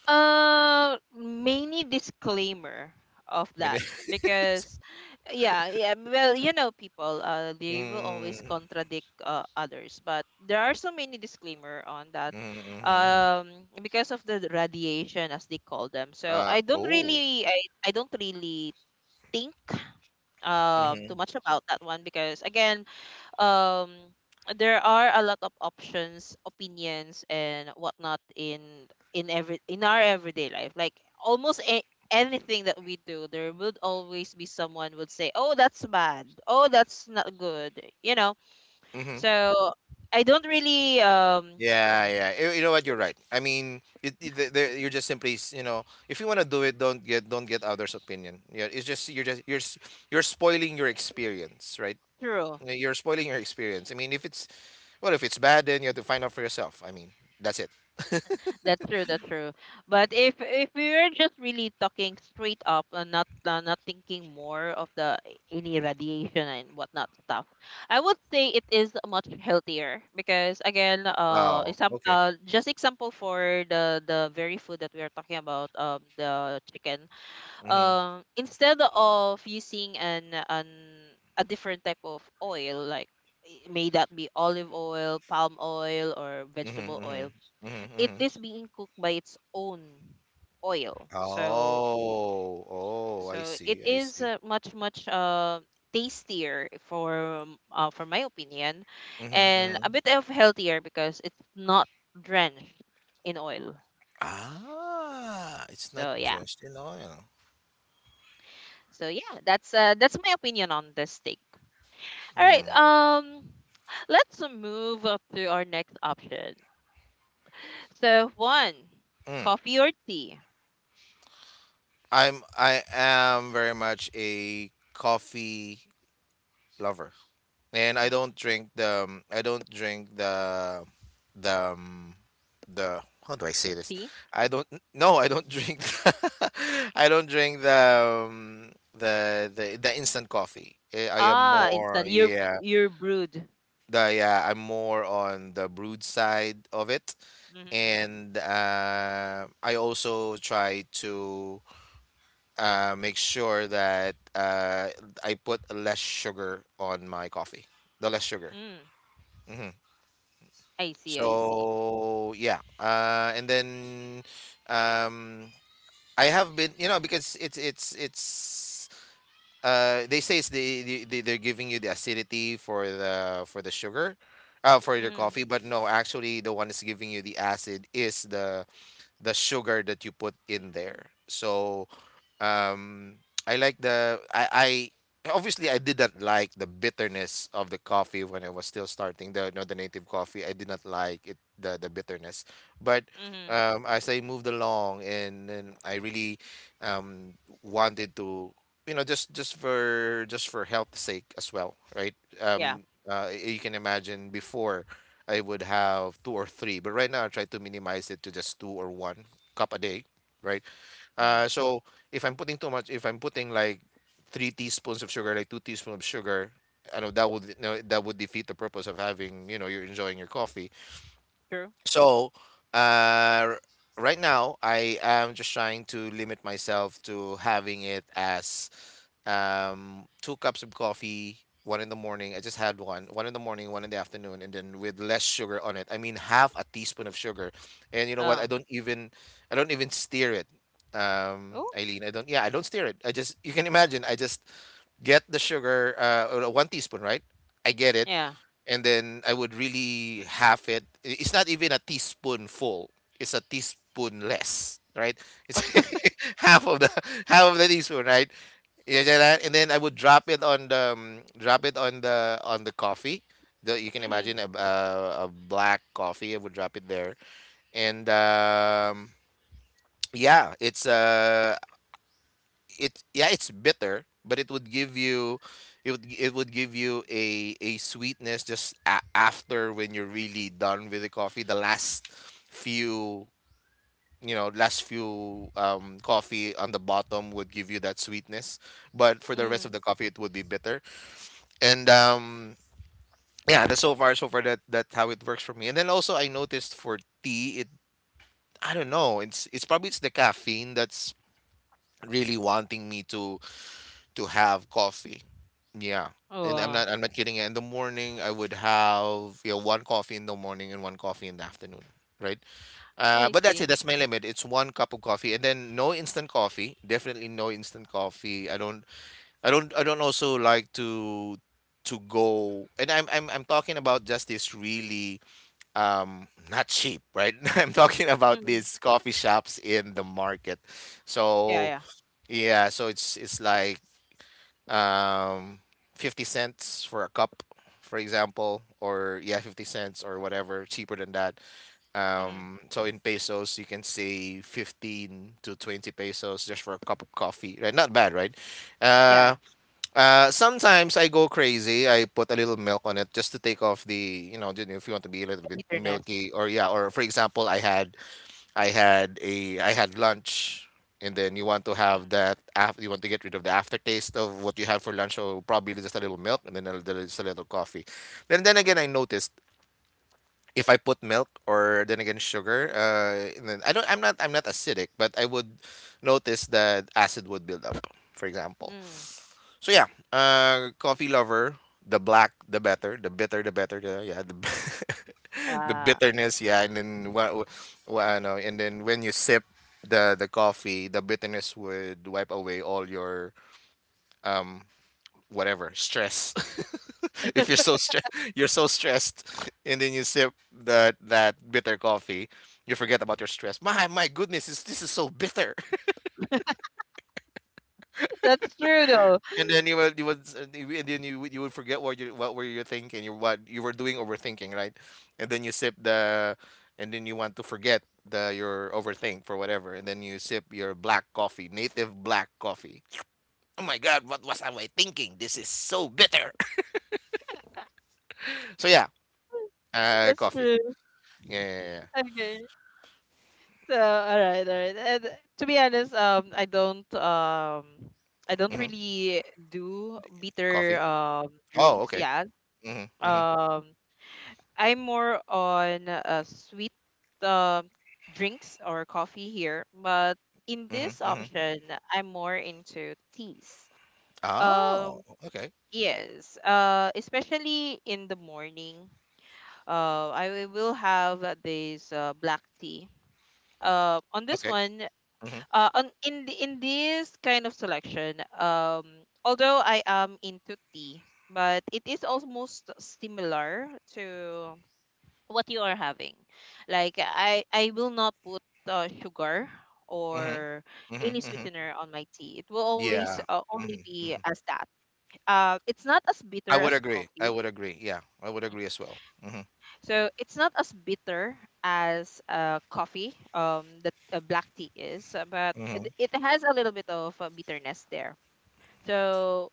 S1: Uh, mainly disclaimer of
S2: I mean,
S1: that because yeah, yeah, well, you know, people uh they will always
S2: mm,
S1: contradict uh, others, but there are so many disclaimer on that,
S2: mm, mm, mm.
S1: um because of the radiation as they call them. So
S2: uh,
S1: i don't
S2: oh.
S1: really i, I don't really think um
S2: Mm-hmm,
S1: too much about that one because again, um there are a lot of options opinions and whatnot in in every in our everyday life, like almost a, anything that we do there would always be someone would say, "Oh, that's bad. Oh, that's not good," you know.
S2: mm-hmm.
S1: So I don't really um
S2: Yeah, yeah. You, you know what? You're right. I mean, it, it, the- the- you're just simply, s- you know, if you want to do it, don't get don't get others' opinion. Yeah, it's just you're just you're s- you're spoiling your experience, right?
S1: true.
S2: You're spoiling your experience. I mean, if it's well, if it's bad, then you have to find out for yourself. I mean, that's it.
S1: That's true. That's true. But if if we were just really talking straight up and not uh, not thinking more of the eh, any radiation and whatnot stuff, I would say it is much healthier because again, uh,
S2: Oh,
S1: exam-
S2: okay.
S1: uh just example for the the very food that we are talking about, um, the chicken.
S2: Mhm.
S1: Um, instead of using an an a different type of oil like i- may that be olive oil, palm oil, or
S2: Mhm.
S1: vegetable oil,
S2: Mhm. Mhm.
S1: it
S2: Mhm.
S1: is being cooked by its own oil. So
S2: Oh. Oh, I
S1: so it
S2: see. I
S1: is
S2: see.
S1: uh, much much uh tastier for um, uh, for my opinion,
S2: Mhm.
S1: and a
S2: Mhm.
S1: bit of healthier because it's not drenched in oil.
S2: Ah, it's not
S1: So yeah.
S2: drenched in oil.
S1: So yeah that's uh that's my opinion on this steak. All right,
S2: Mm.
S1: um let's move up to our next option. So one,
S2: Mm.
S1: coffee or tea?
S2: I'm I am very much a coffee lover. and I
S1: Mm,
S2: don't drink the um, I don't drink the the um, the, how do I say this?
S1: tea.
S2: I don't n- No, I don't drink the, I don't drink the um, the the the instant coffee. Eh, I am
S1: Ah,
S2: more,
S1: instant. You're
S2: yeah,
S1: you're brewed.
S2: the yeah, I'm more on the brewed side of it,
S1: Mhm.
S2: and uh, I also try to uh, make sure that uh, I put less sugar on my coffee, the less sugar.
S1: Mm.
S2: Mm-hmm.
S1: I see. I see.
S2: So, yeah, uh, and then um, I have been, you know, because it's it's it's uh, they say it's the, the, the they're giving you the acidity for the for the sugar, uh, for your
S1: Mhm.
S2: coffee. But, no, actually, the one that's giving you the acid is the the sugar that you put in there. So um, I like the I, I obviously I didn't like the bitterness of the coffee when I was still starting the not the native coffee. I did not like it, the the bitterness, but
S1: Mhm.
S2: um, as I moved along and, and I really um, wanted to, you know just just for just for health sake as well, right?
S1: Yeah.
S2: Um, uh, you can imagine before I would have two or three, but right now I try to minimize it to just two or one cup a day, right?
S1: Mhm.
S2: Uh, so if I'm putting too much, if I'm putting like three teaspoons of sugar, like two teaspoons of sugar, I know that would no, that would defeat the purpose of having you know you're enjoying your coffee.
S1: True.
S2: So uh, right now I am just trying to limit myself to having it as um, two cups of coffee, one in the morning. I just had one, one in the morning, one in the afternoon, and then with less sugar on it. I mean, half a teaspoon of sugar. And you know what? I
S1: Oh.
S2: don't even, I don't even steer it. Um,
S1: Oh.
S2: Eileen, I don't. Yeah, I don't steer it. I just, you can imagine. I just get the sugar, uh, uh, one teaspoon, right? I get it,
S1: Yeah.
S2: and then I would really half it. I- It's not even a teaspoon full. It's a teaspoon less, right? It's half of the half of the teaspoon, right? Yeah, yeah, that- and then I would drop it on the um, drop it on the on the coffee. The, you can
S1: Mhm.
S2: imagine a, a, a black coffee. I would drop it there, and um, yeah, it's uh, it yeah, it's bitter, but it would give you, it would it would give you a a sweetness just a- after when you're really done with the coffee. The last few you know last few um, coffee on the bottom would give you that sweetness, but for the rest of
S1: Mhm.
S2: the coffee, it would be bitter. And um yeah, that's so far so far that that's how it works for me. And then also I noticed for tea, it I don't know, it's it's probably it's the caffeine that's really wanting me to to have coffee. Yeah. And I'm
S1: Oh.
S2: not I'm not kidding. In the morning I would have yeah, one coffee in the morning and one coffee in the afternoon. Right. Uh,
S1: I
S2: but that's it.
S1: see.
S2: That's my limit. It's one cup of coffee, and then no instant coffee. Definitely no instant coffee. I don't I don't I don't also like to to go, and I'm I'm I'm talking about just this really um not cheap, right? I'm talking about
S1: Mhm.
S2: these coffee shops in the market.
S1: Yeah.
S2: So
S1: Yeah.
S2: yeah, so it's it's like um fifty cents for a cup, for example, or yeah, fifty cents or whatever, cheaper than that.
S1: Mhm.
S2: Um so in pesos you can say fifteen to twenty pesos just for a cup of coffee, right? Not bad, right?
S1: Yeah,
S2: Uh
S1: yeah.
S2: uh, Sometimes I go crazy. I put a little milk on it just to take off the, you know, if you want to be a little
S1: The
S2: bit
S1: bitterness.
S2: milky or yeah, or for example, I had I had a I had lunch, and then you want to
S1: Mhm.
S2: have that after, you want to get rid of the aftertaste of what you had for lunch, so probably just a little milk and then a little, just a little coffee. Then then again, I noticed if I put milk or then again sugar, uh, and then I don't I'm not I'm not acidic, but I would notice that acid would build up, for example.
S1: Mm.
S2: So yeah, uh, coffee lover, the black the better, the bitter the better, the yeah, the the
S1: Ah.
S2: bitterness, yeah, and then what, what I know, and then when you sip the the coffee, the bitterness would wipe away all your um whatever stress. if you're so stre- you're so stressed, and then you sip that that bitter coffee, you forget about your stress. My my goodness, is this is so bitter.
S1: That's true though.
S2: And then you will you would s- and you- and then you would- you would forget what you what were you thinking you what you were doing overthinking, right? And then you sip the and then you want to forget the your overthink for whatever, and then you sip your black coffee, native black coffee. Oh my god, what was I thinking? This is so bitter. So yeah, uh
S1: That's
S2: coffee.
S1: true.
S2: Yeah, yeah, yeah.
S1: Okay. So all right, all right. And to be honest, um, I don't um, I don't
S2: Hmm.
S1: really do bitter
S2: Coffee.
S1: um
S2: Oh,
S1: drinks.
S2: okay.
S1: Yeah.
S2: Hmm, hmm,
S1: Um, I'm more on uh, sweet um drinks or coffee here, but in
S2: hmm,
S1: this
S2: hmm.
S1: option, I'm more into teas.
S2: Oh,
S1: Um,
S2: okay.
S1: yes, uh, especially in the morning, uh, I wi- will have uh, this uh, black tea. Uh, on this
S2: Okay.
S1: one,
S2: Hmm,
S1: uh, on In the, in this kind of selection, um, although I am into tea, but it is almost similar to what you are having. Like I I will not put uh, sugar
S2: hmm,
S1: or
S2: hmm,
S1: any
S2: hmm.
S1: sweetener on my tea. It will always
S2: Yeah.
S1: uh, only
S2: Hmm.
S1: be as that. Uh, it's not as
S2: I
S1: bitter
S2: would
S1: as
S2: agree. I
S1: coffee.
S2: would agree. Yeah, I would agree as well. Hmm,
S1: So it's not as bitter as uh, coffee. Um, that uh, black tea is, uh, but
S2: hmm,
S1: it, it has a little bit of uh, bitterness there. So.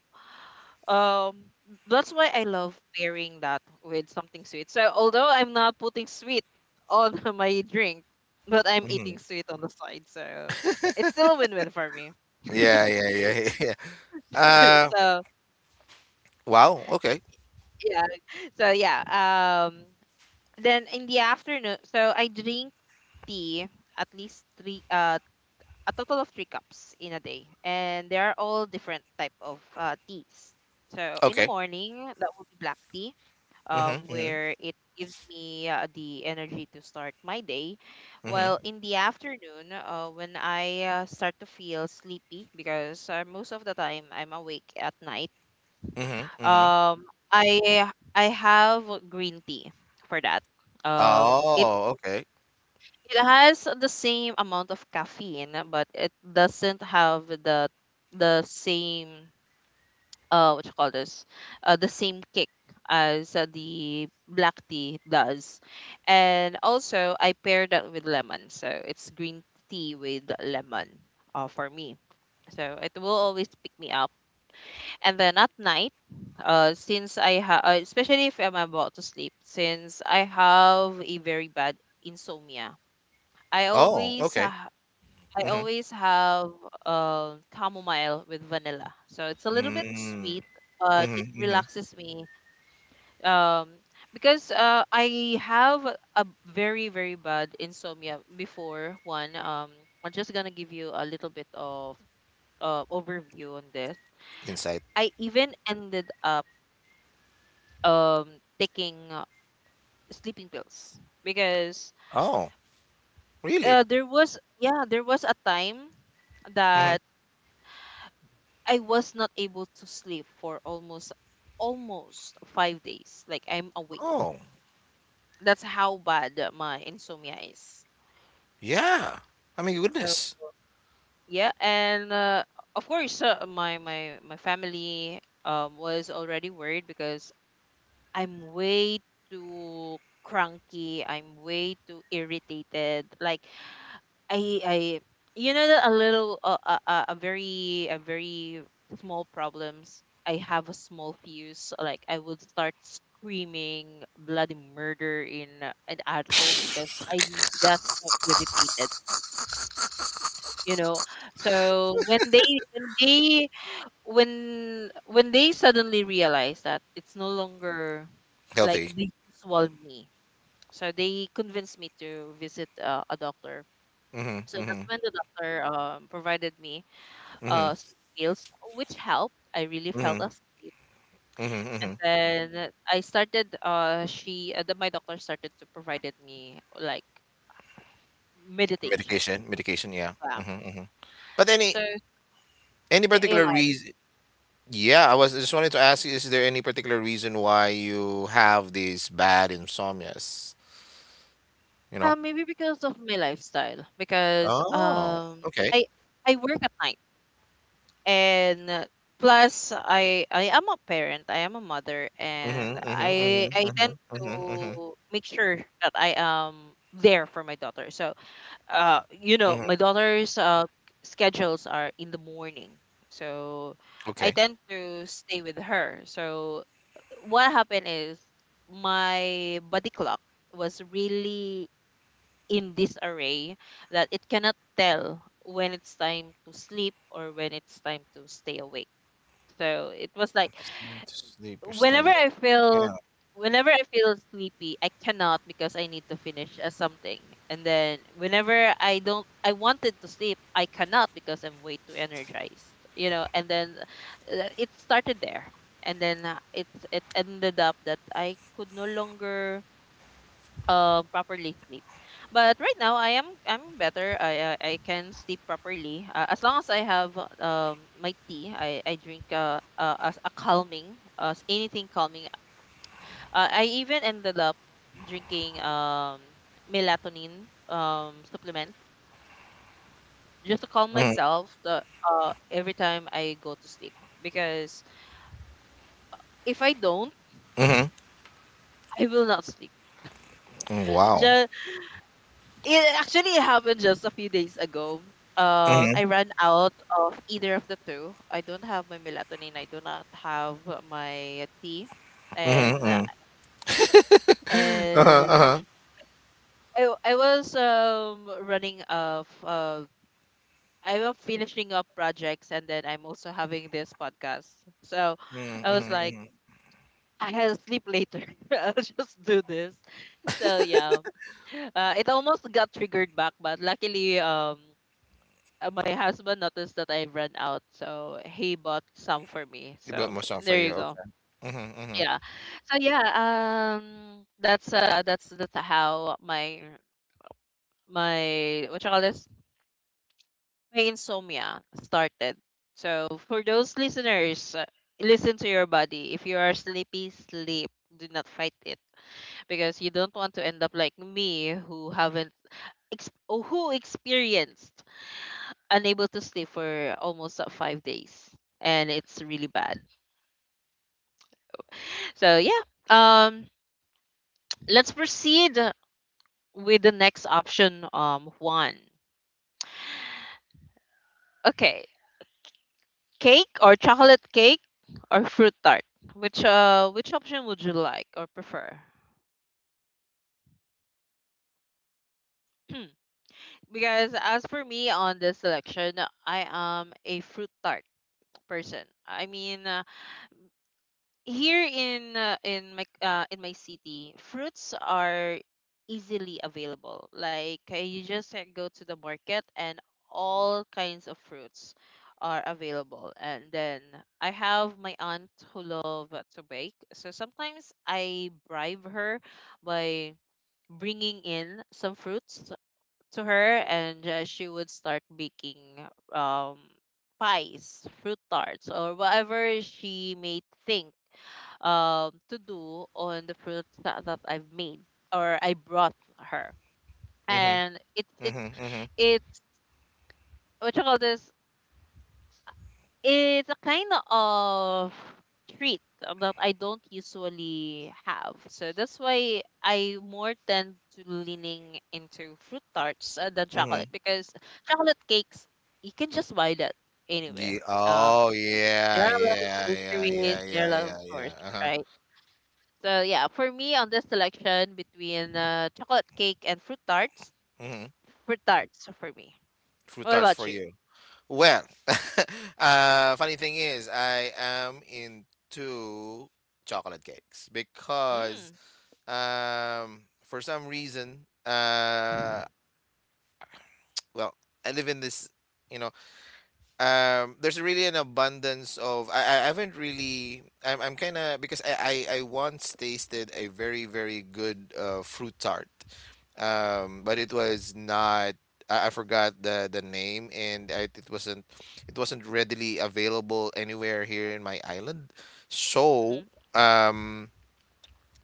S1: Um, that's why I love pairing that with something sweet. So although I'm not putting sweet on my drink, but I'm
S2: hmm.
S1: eating sweet on the side, so it's still a win-win for me.
S2: Yeah, yeah, yeah, yeah. Uh,
S1: so
S2: wow. Okay.
S1: yeah, so yeah. Um, then in the afternoon, so I drink tea at least three, uh, a total of three cups in a day, and they are all different type of uh, teas. So in the
S2: Okay.
S1: morning, that will be black tea,
S2: Hmm,
S1: um,
S2: hmm,
S1: where it gives me uh, the energy to start my day.
S2: hmm,
S1: While in the afternoon, uh, when I uh, start to feel sleepy, because uh, most of the time I'm awake at night,
S2: hmm, hmm.
S1: um, I I have green tea for that. Um, it
S2: Oh, okay.
S1: it has the same amount of caffeine, but it doesn't have the the same uh what you call this uh, the same kick as uh, the black tea does. And also I pair that with lemon, so it's green tea with lemon, uh, for me. So it will always pick me up. And then at night, uh since I have uh, especially if I'm about to sleep, since I have a very bad insomnia, i
S2: Oh,
S1: always uh,
S2: okay.
S1: I
S2: Hmm.
S1: always have um chamomile with vanilla. So it's a little bit sweet, but
S2: Mm-hmm.
S1: it
S2: Mm-hmm.
S1: relaxes me. Um, because uh, I have a very very bad insomnia before. One, um, I'm just gonna give you a little bit of uh, overview on this.
S2: Insight.
S1: I even ended up um taking uh, sleeping pills because
S2: Oh, really?
S1: uh, there was yeah there was a time
S2: Hmm.
S1: that I was not able to sleep for almost almost five days. Like I'm awake.
S2: Oh,
S1: That's how bad my insomnia is.
S2: yeah. I mean,
S1: So
S2: goodness.
S1: yeah, and uh, of course, uh, my my my family um was already worried because I'm way too cranky. I'm way too irritated. Like I I you know that a little uh, uh, uh, a very a very small problems. I have a small fuse. Like I would start screaming bloody murder in uh, and at home because I'm just so irritated. You know, so when they when they when when they suddenly realize that it's no longer like
S2: Healthy.
S1: the usual me, so they convinced me to visit uh, a doctor.
S2: Hmm,
S1: So that's
S2: hmm,
S1: when the doctor um, provided me
S2: hmm,
S1: uh, sleeping pills, which helped. I really
S2: hmm,
S1: felt
S2: hmm,
S1: asleep. And
S2: hmm.
S1: then I started, uh, she, uh, the, my doctor started to provided me like meditation.
S2: Medication. Medication. Yeah.
S1: Wow.
S2: Hmm, hmm. But any
S1: So
S2: any
S1: yeah, a
S2: particular
S1: lot.
S2: reason? Yeah, I was just wanted to ask you, is there any particular reason why you have these bad insomnias? You know?
S1: Uh, maybe because of my lifestyle, because
S2: Oh,
S1: um,
S2: okay.
S1: I I work at night, and uh, plus I I am a parent, I am a mother, and
S2: Mm-hmm, mm-hmm, mm-hmm,
S1: I I tend
S2: mm-hmm, mm-hmm, mm-hmm,
S1: to make sure that I am there for my daughter. So uh you know,
S2: mm-hmm.
S1: my daughter's uh schedules are in the morning. So I
S2: Okay.
S1: tend to stay with her. So what happened is my body clock was really in disarray that it cannot tell when it's time to sleep or when it's time to stay awake. So it was like
S2: It's time to sleep. It's time
S1: whenever
S2: to...
S1: I
S2: Yeah.
S1: feel whenever I feel sleepy, I cannot because I need to finish uh, something. And then whenever I don't I wanted to sleep, I cannot because I'm way too energized, you know. And then uh, it started there. And then uh, it's it ended up that I could no longer uh, properly sleep. But right now I am I'm better. I I, I can sleep properly uh, as long as I have um my tea. I I drink uh, uh as a calming, as anything calming. uh, I even ended up drinking um melatonin um supplements just to calm
S2: Mm-hmm,
S1: myself the, uh every time I go to sleep, because if I don't,
S2: mm-hmm.
S1: I will not sleep.
S2: Wow.
S1: Just, it actually happened just a few days ago. Uh,
S2: Mm-hmm,
S1: I ran out of either of the two. I don't have my melatonin. I do not have my tea,
S2: mm-hmm,
S1: and
S2: mm. Uh-huh,
S1: and
S2: uh-huh.
S1: I I was um running of uh I am finishing up projects, and then I'm also having this podcast. So I
S2: Mm-hmm,
S1: was
S2: mm-hmm,
S1: like,
S2: mm-hmm.
S1: I will sleep later. I'll just do this. So yeah. Uh, it almost got triggered back, but luckily um uh, my husband noticed that I ran out, so he bought some for me.
S2: You
S1: So
S2: built more sound for
S1: there
S2: you.
S1: you go.
S2: Okay. Mm-hmm, mm-hmm,
S1: Yeah. So yeah, um that's uh that's that's how my my what you call this? My insomnia started. So for those listeners, uh, listen to your body. If you are sleepy, sleep. Do not fight it because you don't want to end up like me, who haven't ex- or who experienced unable to sleep for almost uh, five days, and it's really bad. So yeah, um, let's proceed with the next option. Um, one. Okay, cake or chocolate cake or fruit tart? Which uh which option would you like or prefer? Because as for me on this selection, I am a fruit tart person. I mean, uh, here in uh, in my uh, in my city, fruits are easily available. Like uh, you just uh, go to the market and all kinds of fruits are available. And then I have my aunt who love uh, to bake, so sometimes I bribe her by bringing in some fruits to her, and uh, she would start baking um pies, fruit tarts, or whatever she may think um to do on the fruit that, that I've made or I brought her.
S2: mm-hmm,
S1: And it's it's
S2: mm-hmm, mm-hmm,
S1: it's what you call this It's a kind of treat that I don't usually have. So that's why I more tend to leaning into fruit tarts uh, than
S2: mm-hmm.
S1: chocolate, because chocolate cakes you can just buy that
S2: Yeah.
S1: anywhere. Um,
S2: Oh,
S1: there
S2: yeah,
S1: are a lot of
S2: yeah, yeah,
S1: bakeries,
S2: yeah,
S1: there
S2: yeah,
S1: are a lot of
S2: yeah,
S1: stores,
S2: yeah. Uh-huh.
S1: right? So yeah, for me on this selection between uh, chocolate cake and fruit tarts,
S2: Mm-hmm,
S1: fruit tarts for me.
S2: fruit
S1: What
S2: tarts
S1: about
S2: for
S1: you?
S2: you? Well, uh, funny thing is, I am into chocolate cakes because,
S1: Mm.
S2: um, for some reason, uh, well, I live in this, you know, um there's really an abundance of I, I haven't really I'm I'm kind of because I, I I once tasted a very very good uh fruit tart, um
S1: Mm.
S2: but it was not I, I forgot the the name, and I, it wasn't it wasn't readily available anywhere here in my island. So
S1: Mm-hmm.
S2: um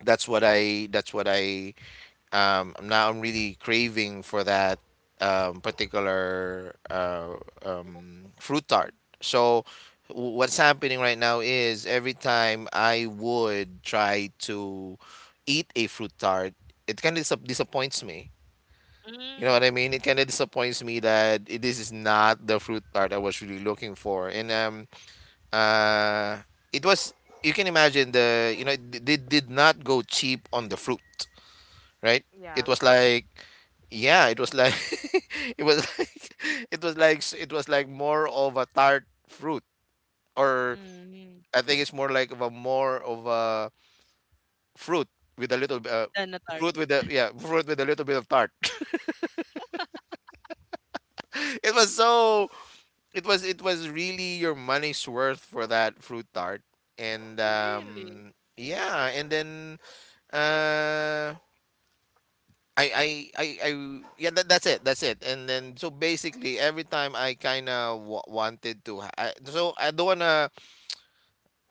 S2: that's what I that's what I um I'm now I'm really craving for that um particular uh um fruit tart. So w- what's happening right now is every time I would try to eat a fruit tart, it kind of dis- disappoints me. You know what
S1: Mm.
S2: I mean? It kind of disappoints me that it, this is not the fruit tart I was really looking for. And um uh it was, you can imagine the, you know, it d- they did not go cheap on the fruit, right? It
S1: Yeah.
S2: was like yeah, it was like it was like it was like s- it was like more of a tart fruit, or
S1: Mm.
S2: I think it's more like of a more of a fruit with a little b- uh,
S1: Than a tart.
S2: fruit with a yeah, fruit with a little bit of tart. It was so it was it was really your money's worth for that fruit tart. And
S1: Really?
S2: um yeah, and then uh I I I, I yeah that, that's it, that's it. And then so basically every time I kind of w- wanted to ha- I, so I don't wanna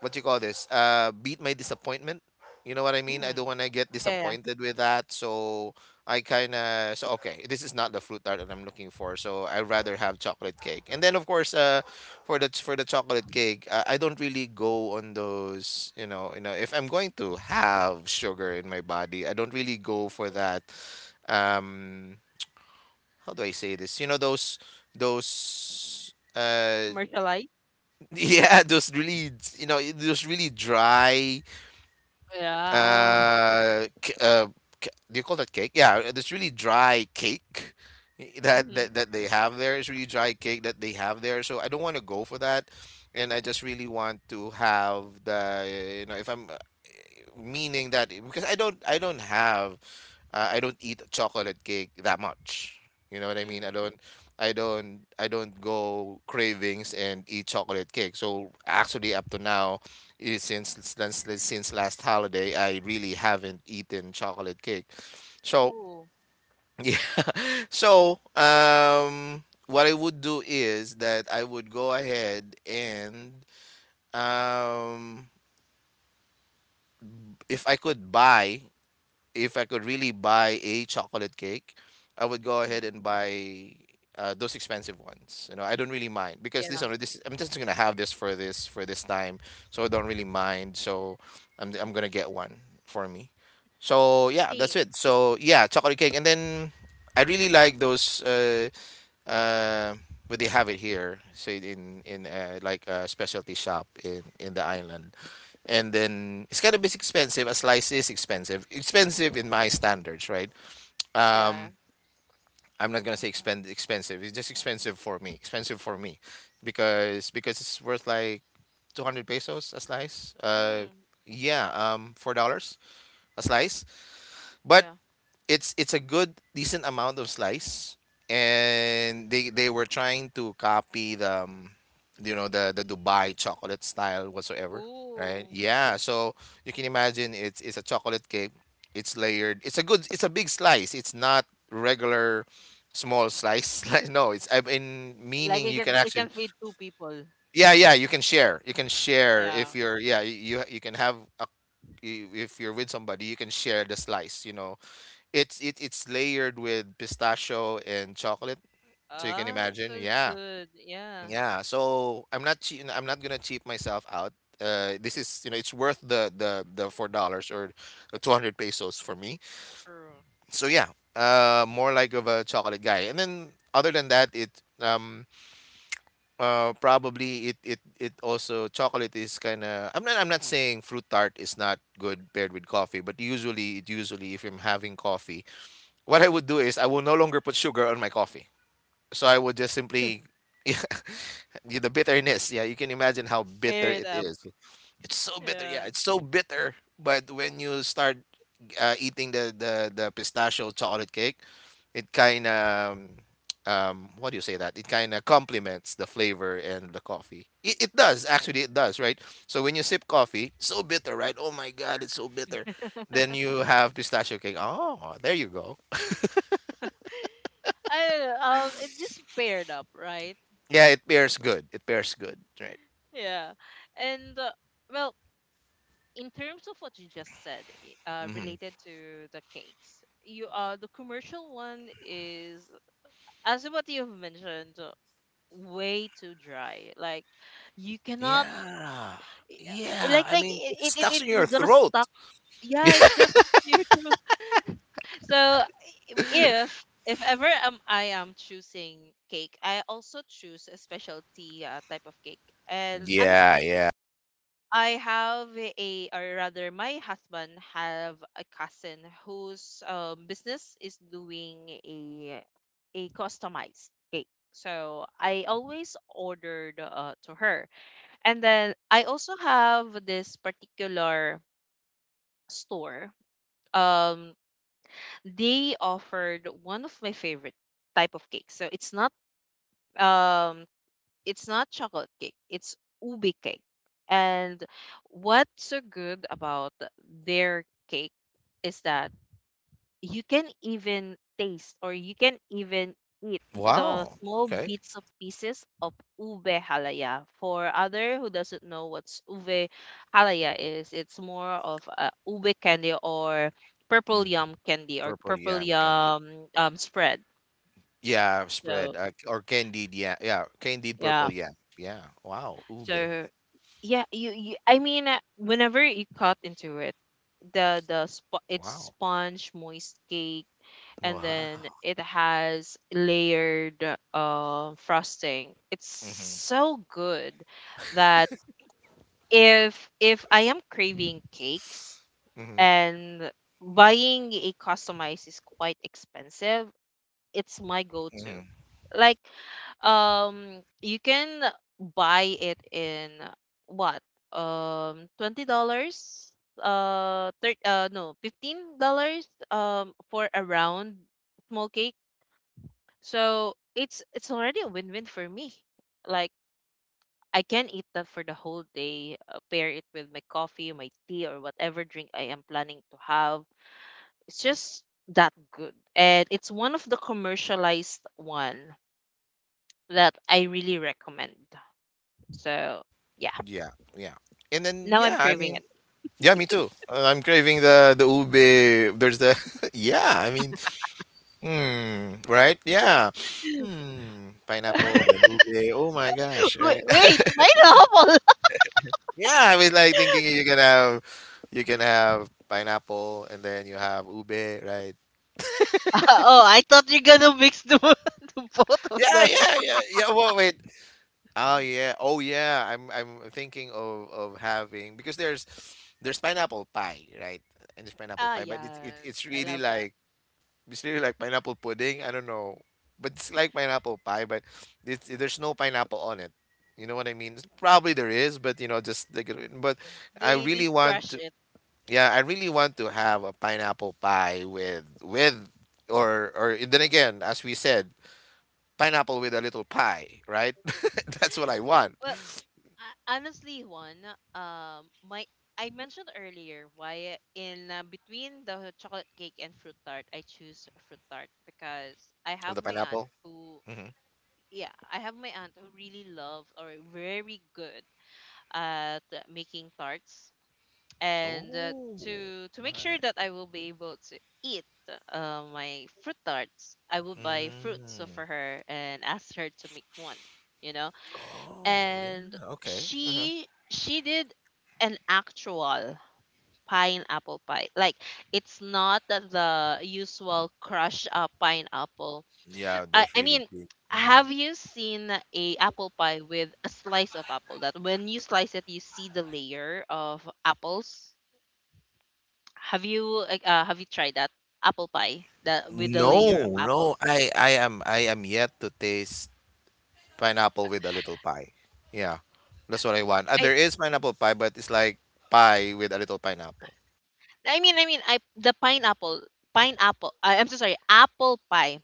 S2: what do you call this, uh beat my disappointment, you know what I mean, I
S1: Mm-hmm.
S2: don't want to get
S1: Yeah, yeah.
S2: disappointed with that. So I kind of, so okay, this is not the fruit tart that I'm looking for, so I rather have chocolate cake. And then of course uh for the for the chocolate cake, uh, I don't really go on those, you know, you know if I'm going to have sugar in my body, I don't really go for that. um how do I say this? You know those those uh
S1: Commercialized.
S2: yeah those really, you know those really dry
S1: Yeah.
S2: uh, c- uh, c- do you call that cake? Yeah, uh, this really dry cake that,
S1: Mm-hmm.
S2: that that they have there. It's really dry cake that they have there. So I don't want to go for that, and I just really want to have the, you know, if I'm uh, meaning that because I don't I don't have, uh, I don't eat chocolate cake that much. You know what I mean? I
S1: Mm.
S2: don't, I don't, I don't go cravings and eat chocolate cake. So actually, up to now, eh, since since since last holiday, I really haven't eaten chocolate cake. So
S1: Oh.
S2: yeah. So um, what I would do is that I would go ahead and um, if I could buy, if I could really buy a chocolate cake, I would go ahead
S1: Mm.
S2: and buy uh, those expensive ones. You know, I don't really mind because
S1: Yeah.
S2: this are this, I'm just gonna have this for this for this time, so I don't really mind. So I'm I'm gonna get one for me. So yeah,
S1: Same.
S2: that's it. So yeah, chocolate cake, and then I really like those. Uh, uh, but they have it here, so in in uh, like a specialty shop in in the island, and then it's kind of is expensive. A slice is expensive, expensive in my standards, right?
S1: Yeah.
S2: Um, I'm not gonna say expend expensive. It's just expensive for me, expensive for me, because because it's worth like two hundred pesos a slice.
S1: Yeah.
S2: Uh,
S1: Mm.
S2: yeah, um, four dollars a slice. But
S1: Yeah.
S2: it's it's a good decent amount of slice, and they they were trying to copy the um, you know the the Dubai chocolate style whatsoever, right?
S1: Oh.
S2: Yeah, so you can imagine, it's it's a chocolate cake, it's layered, it's a good, it's a big slice, it's not regular small slice like no, it's I mean
S1: Like
S2: meaning
S1: it
S2: you can
S1: can, it can
S2: actually.
S1: feed two people.
S2: Yeah, yeah, you can share, you can share
S1: Yeah.
S2: if you're, yeah, you you can have a you- if you're with somebody you can share the slice, you know it's it, it's layered with pistachio and chocolate, so you can
S1: Ah, that's
S2: imagine.
S1: so
S2: Yeah,
S1: good. Yeah.
S2: yeah. So I'm not che- I'm not gonna cheap myself out. Uh, this is, you know it's worth the the the four dollars or the two hundred pesos for me.
S1: True.
S2: So yeah, uh, more like of a chocolate guy. And then other than that, it um uh probably it it it also, chocolate is kind of, I'm not I'm not saying fruit tart is not good paired with coffee, but usually it usually if I'm having coffee, what I would do is I will no longer put sugar on my coffee. So I would just simply yeah, the bitterness. Yeah, you can imagine how bitter
S1: Pair it
S2: it
S1: up.
S2: is. It's so bitter. Yeah,
S1: Yeah.
S2: it's so bitter. But when you start uh, eating the, the the pistachio chocolate cake, it kind of um what do you say that? It kind of complements the flavor and the coffee. It, it does actually. It does, right? So when you sip coffee, so bitter, right? Oh my God, it's so bitter. Then you have pistachio cake. Oh, there you go.
S1: I don't know. Um, it just paired up, right?
S2: Yeah, it pairs good. It pairs good, right?
S1: Yeah. And uh, well, in terms of what you just said, i- uh,
S2: Hmm.
S1: related to the cakes, you uh the commercial one is, as what you've mentioned, uh, way too dry, like you cannot
S2: Yeah.
S1: i- i-
S2: Yeah,
S1: like
S2: I
S1: like
S2: mean, it
S1: it it,
S2: stuck
S1: it
S2: in
S1: we're
S2: your
S1: gonna
S2: throat.
S1: stuck, yeah, it's gonna stuck to your throat, so i- if if ever um, I am choosing cake, I also choose a specialty uh, type of cake. And
S2: Yeah.
S1: honestly,
S2: Yeah.
S1: I have a, or rather, my husband have a cousin whose uh, business is doing a a customized cake. So I always ordered uh, to her, and then I also have this particular store. Um, they offered one of my favorite type of cake. So it's not um it's not chocolate cake, it's ubi cake. And what's so good about their cake is that you can even taste or you can even eat the
S2: Wow.
S1: small
S2: Okay.
S1: bits of pieces of ube halaya. For other who doesn't know what's ube halaya is, it's more of a ube candy or purple
S2: Mm.
S1: yum candy or
S2: Purple
S1: purple
S2: yam candy.
S1: yum um spread.
S2: Yeah, spread
S1: So
S2: uh, or candied. Yeah, yeah, candied
S1: yeah.
S2: purple yam. Yeah. Wow, ube.
S1: So yeah, you, you I mean, uh, whenever you cut into it, the the sp- it's
S2: Wow.
S1: sponge moist cake, and
S2: Wow.
S1: then it has layered uh, frosting. It's
S2: Hmm.
S1: so good that if if I am craving cakes
S2: Hmm.
S1: and buying a customized is quite expensive, it's my go-to.
S2: Hmm.
S1: Like um, you can buy it in what? Um, twenty dollars. Uh, thir uh, no, fifteen dollars. Um, for a round small cake. So it's it's already a win-win for me. Like I can eat that for the whole day. Uh, pair it with my coffee, my tea, or whatever drink I am planning to have. It's just that good, and it's one of the commercialized one that I really recommend. So yeah,
S2: Yeah, yeah. And then
S1: now I'm
S2: yeah, I
S1: craving
S2: mean,
S1: it.
S2: yeah, me too. Uh, I'm craving the the ube. There's the yeah, I mean. Hmm, right? Yeah. Hmm, pineapple, then ube. Oh my gosh,
S1: Wait,
S2: right?
S1: wait, pineapple.
S2: Yeah, I was like thinking you can have, you can have pineapple and then you have ube, right?
S1: Oh, I thought you're gonna mix the the both of
S2: Yeah,
S1: them.
S2: yeah, yeah. Yeah, well, wait. Oh yeah. Oh yeah. I'm I'm thinking of of having because there's there's pineapple pie, right? And there's pineapple
S1: Ah,
S2: pie, but it's it, it's
S1: yes, I
S2: really
S1: love that.
S2: like. It's really like pineapple pudding. I don't know, but it's like pineapple pie, but it's, there's no pineapple on it. You know what I mean? Probably there is, but you know, just like, it- but I
S1: They they
S2: really want
S1: crush
S2: to.
S1: it.
S2: Yeah, I really want to have a pineapple pie with with or or then again, as we said, pineapple with a little pie, right? That's what I want
S1: Well, uh, honestly, Juan, um, my I mentioned earlier why in uh, between the chocolate cake and fruit tart, I choose fruit tart because I
S2: of
S1: have
S2: the
S1: my aunt
S2: pineapple.
S1: who, yeah, I have my aunt who really loves or very good at making tarts. And uh,
S2: Oh,
S1: to to make
S2: why?
S1: sure that I will be able to eat uh, my fruit tarts, I will buy
S2: Mm,
S1: fruits for her and ask her to make one. You know,
S2: oh,
S1: and
S2: yeah. Okay. Uh huh.
S1: she she did an actual pineapple pie. Like it's not the usual crushed up pineapple.
S2: Yeah,
S1: I
S2: those
S1: I
S2: really
S1: mean.
S2: big.
S1: Have you seen a apple pie with a slice of apple that when you slice it you see the layer of apples, have you like uh, have you tried that apple pie that with the
S2: No,
S1: layer of apples?
S2: no. I I am, I am yet to taste pineapple with a little pie. Yeah. That's what I want. Uh,
S1: I
S2: there is pineapple pie, but it's like pie with a little pineapple.
S1: I mean I mean I the pineapple pineapple I, I'm so sorry, apple pie,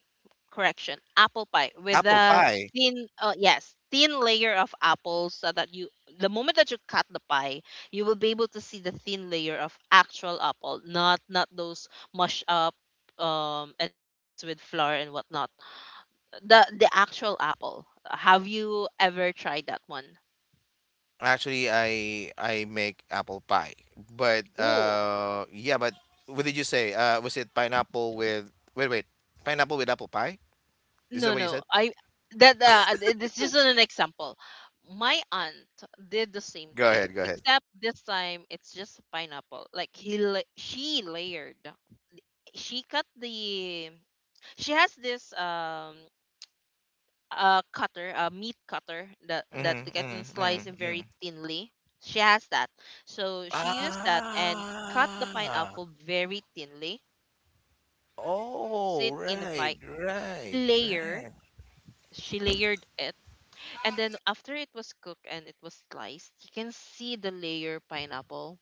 S1: correction, apple pie with
S2: Apple
S1: the
S2: pie.
S1: thin uh, yes, thin layer of apples so that you the moment that you cut the pie you will be able to see the thin layer of actual apple, not not those mush up um and then mixed with flour and whatnot, the the actual apple. Have you ever tried that one?
S2: Actually, I I make apple pie. But
S1: Ooh.
S2: uh yeah, but what did you say? Uh, was it pineapple with, wait, wait. Pineapple with apple pie? Is that
S1: No,
S2: what you
S1: no.
S2: said?
S1: I that uh, th- this is just an example. My aunt did the same
S2: Go
S1: thing,
S2: ahead, go ahead.
S1: except this time it's just pineapple. Like he, la- she layered. She cut the. She has this um uh cutter, a meat cutter that that they
S2: Mm-hmm,
S1: can
S2: mm-hmm,
S1: slice it
S2: mm-hmm.
S1: very thinly. She has that, so she used that and cut the
S2: Ah.
S1: pineapple very thinly, and then puts it
S2: Oh,
S1: in a
S2: right,
S1: pie
S2: right,
S1: layer.
S2: right.
S1: She layered it. And then after it was cooked and it was sliced, you can see the layer pineapple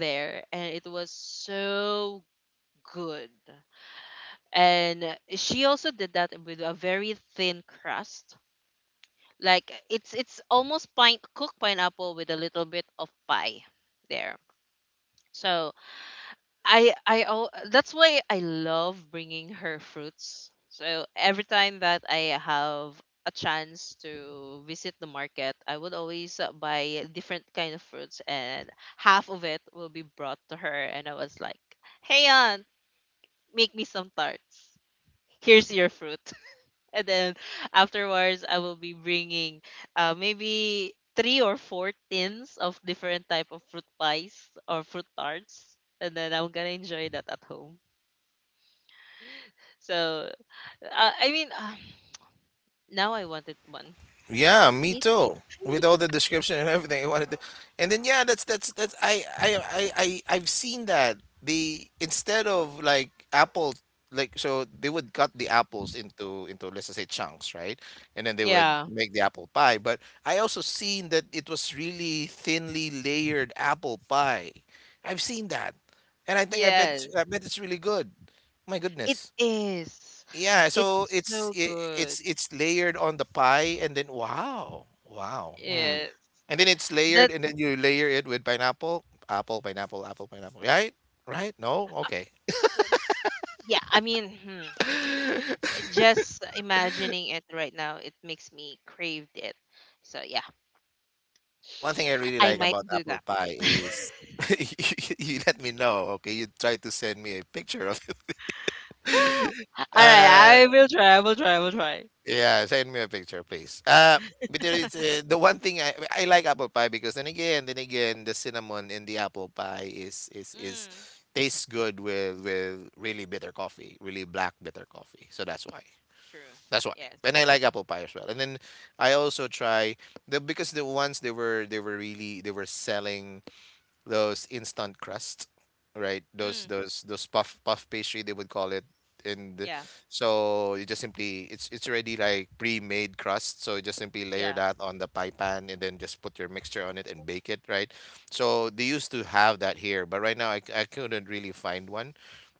S1: there, and it was so good. And she also did that with a very thin crust. Like it's it's almost pine cooked pineapple with a little bit of pie there. So I I al- that's why I love bringing her fruits. So every time that I have a chance to visit the market, I would always uh, buy different kind of fruits, and half of it will be brought to her. And I was like, "Hey, aunt, make me some tarts. Here's your fruit." And then afterwards, I will be bringing uh, maybe three or four tins of different type of fruit pies or fruit tarts, and then I'm gonna enjoy that at home. So uh, I mean, uh, now I wanted one.
S2: Yeah, me
S1: It,
S2: too. With all the description and everything, I wanted to, and then yeah, that's that's that's I I I I I've seen that they, instead of like apples, like so they would cut the apples into into let's just say chunks, right? And then they would
S1: yeah.
S2: make the apple pie. But I also seen that it was really thinly layered apple pie. I've seen that, and I think I bet,
S1: Yes.
S2: I bet it's really good. My
S1: It
S2: goodness.
S1: is.
S2: Yeah, so
S1: It's
S2: it's
S1: so
S2: it,
S1: good.
S2: it's it's layered on the pie and then wow. Wow. Hmm.
S1: Yes.
S2: And then it's layered
S1: That
S2: and then you layer it with pineapple, apple, pineapple, apple, pineapple. Right? Right? No? Okay.
S1: um, yeah, I mean, hmm, it just imagining it right now, it makes me crave it. So yeah,
S2: The one thing I really
S1: I
S2: like
S1: might
S2: about
S1: do
S2: apple
S1: that.
S2: pie is you, you let me know, okay? You try to send me a picture of it.
S1: All right,
S2: Uh,
S1: I will try. I will try. I will try.
S2: yeah, send me a picture, please. Uh, but there is uh, the one thing I I like apple pie because then again, then again, the cinnamon in the apple pie is is is
S1: Mm,
S2: tastes good with with really bitter coffee, really black bitter coffee. So that's why.
S1: true.
S2: That's why. And
S1: Yes.
S2: I like apple pie as well. And then I also try the, because the ones they were they were really they were selling those instant crust, right? Those
S1: Mm,
S2: those those puff puff pastry they would call it. And
S1: yeah.
S2: so you just simply, it's it's already like pre-made crust, so you just simply layer
S1: Yeah.
S2: that on the pie pan and then just put your mixture on it and bake it, right? So they used to have that here, but right now I, c- I couldn't really find one.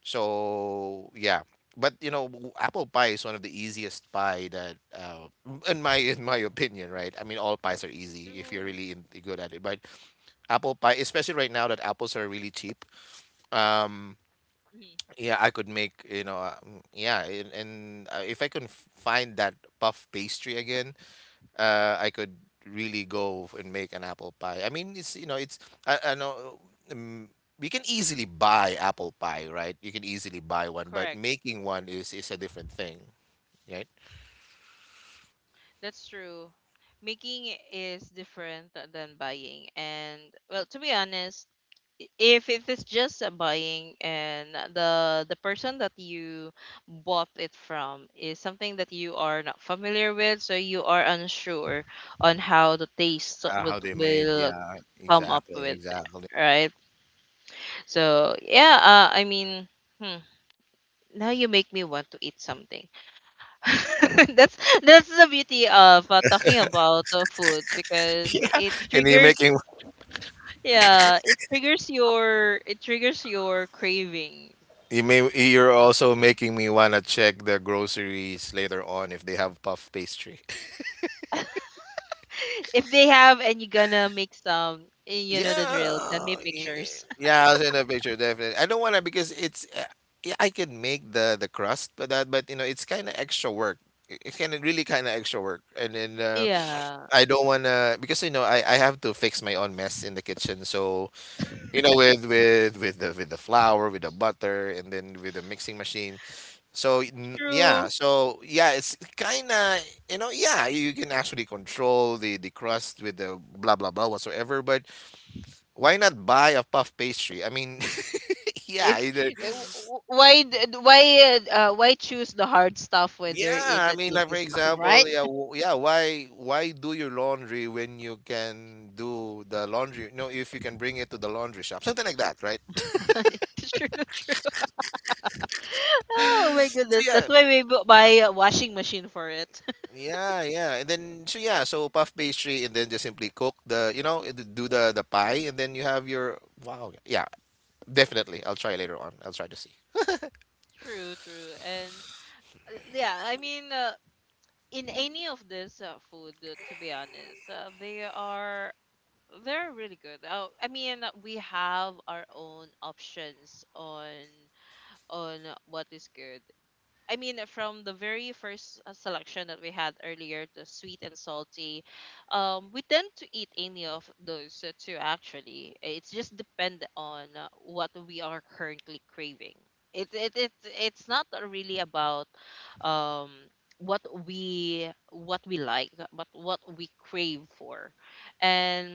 S2: So yeah. But you know, w- apple pie is one of the easiest pie that, uh, in my in my opinion, right? I mean, all pies are easy if you're
S1: True.
S2: really in, good at it. But apple pie, especially right now that apples are really cheap. Um,
S1: Mhm.
S2: yeah, I could make, you know, uh, mm, yeah, and, and uh, if I can f- find that puff pastry again, uh, I could really go and make an apple pie. I mean, it's, you know, it's, I, I know, um, we can easily buy apple pie, right? You can easily buy one, but
S1: Correct.
S2: making one is is a different thing, right?
S1: That's true. Making is different than buying. And well, to be honest, if it is just a buying and the the person that you bought it from is something that you are not familiar with, so you are unsure on how the taste
S2: Uh,
S1: would
S2: how they made,
S1: will
S2: yeah,
S1: come up
S2: exactly,
S1: with,
S2: exactly.
S1: right? So yeah, uh, I mean, hmm, now you make me want to eat something. that's that's the beauty of uh, talking about uh, food, because
S2: Yeah,
S1: it
S2: and you're
S1: triggers,
S2: making,
S1: yeah, it triggers your, it triggers your cravings.
S2: you may, you're also making me wanna check the groceries later on if they have puff pastry.
S1: If they have and you're gonna make some, eh, you know the drill, send
S2: Yeah,
S1: me
S2: y-
S1: pictures.
S2: yeah, I'll send a picture definitely. I don't wanna because it's uh, yeah, I can make the the crust, but that but you know it's kind of extra work. It It's kind of really kind of extra work, and then uh,
S1: Yeah.
S2: I don't wanna because you know I I have to fix my own mess in the kitchen. So you know with with with the with the flour, with the butter, and then with the mixing machine. So n- yeah,
S1: True.
S2: so yeah, it's kinda, you know, yeah, you can actually control the the crust with the blah blah blah whatsoever. But why not buy a puff pastry? I mean yeah
S1: It's
S2: either,
S1: eh, w- w- why d- d- why uh, uh, why choose the hard stuff when there
S2: yeah
S1: is
S2: I
S1: an
S2: mean like
S1: easy
S2: for
S1: stuff, right?
S2: example yeah w- yeah why why do your laundry when you can do the laundry, no, if you can bring it to the laundry shop, something like that, right?
S1: True, true. Oh my
S2: So
S1: goodness, that's
S2: yeah.
S1: why we bu- buy a washing machine for it.
S2: Yeah, yeah. And then so yeah, so puff pastry and then just simply cook the, you know, d- do the the pie and then you have your wow. Yeah, definitely. I'll try later on. I'll try to see.
S1: True, true. And uh, yeah, I mean, uh, in any of this uh, food, uh, to be honest, uh, they are they're really good. Uh, I mean, uh, we have our own options on on what is good. I mean, uh, from the very first uh, selection that we had earlier, the sweet and salty, um, we tend to eat any of those uh, two, actually. It's just depend on uh, what we are currently craving. It, it, it it's not really about um what we what we like, but what we crave for. And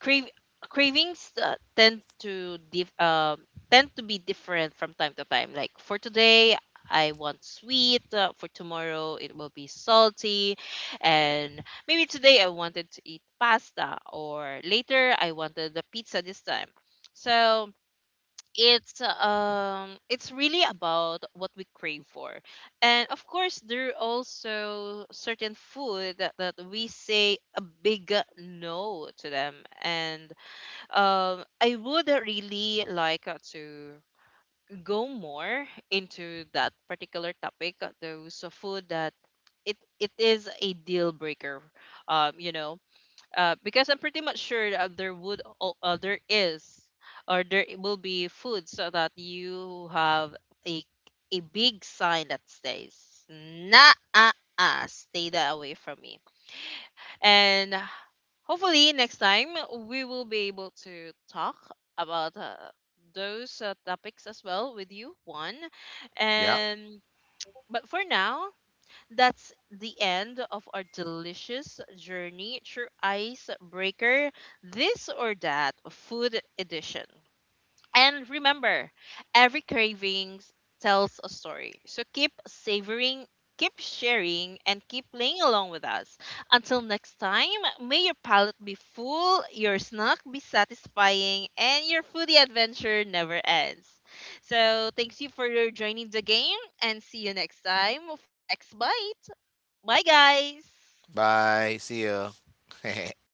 S1: crave, cravings uh, tend to dif- um tend to be different from time to time. Like for today, I want sweet. Uh, for tomorrow, it will be salty. And maybe today I wanted to eat pasta, or later I wanted the pizza this time. So it's um it's really about what we crave for. And of course, there are also certain food that, that we say a big no to them. And um I would really like uh, to go more into that particular topic, uh, those uh, food that it it is a deal breaker, um, you know, uh, because I'm pretty much sure that there would al- uh, there is or there will be foods so that you have a a big sign that says, "Nah, uh, uh, stay that away from me." And hopefully, next time we will be able to talk about uh, those uh, topics as well with you, Juan.
S2: Yeah.
S1: And but for now, that's the end of our delicious journey through Icebreaker, this or that food edition. And remember, every cravings tells a story. So keep savoring, keep sharing, and keep playing along with us. Until next time, may your palate be full, your snack be satisfying, and your foodie adventure never ends. So thanks you for your joining the game, and see you next time for the next bite. Bye, guys.
S2: Bye. See you.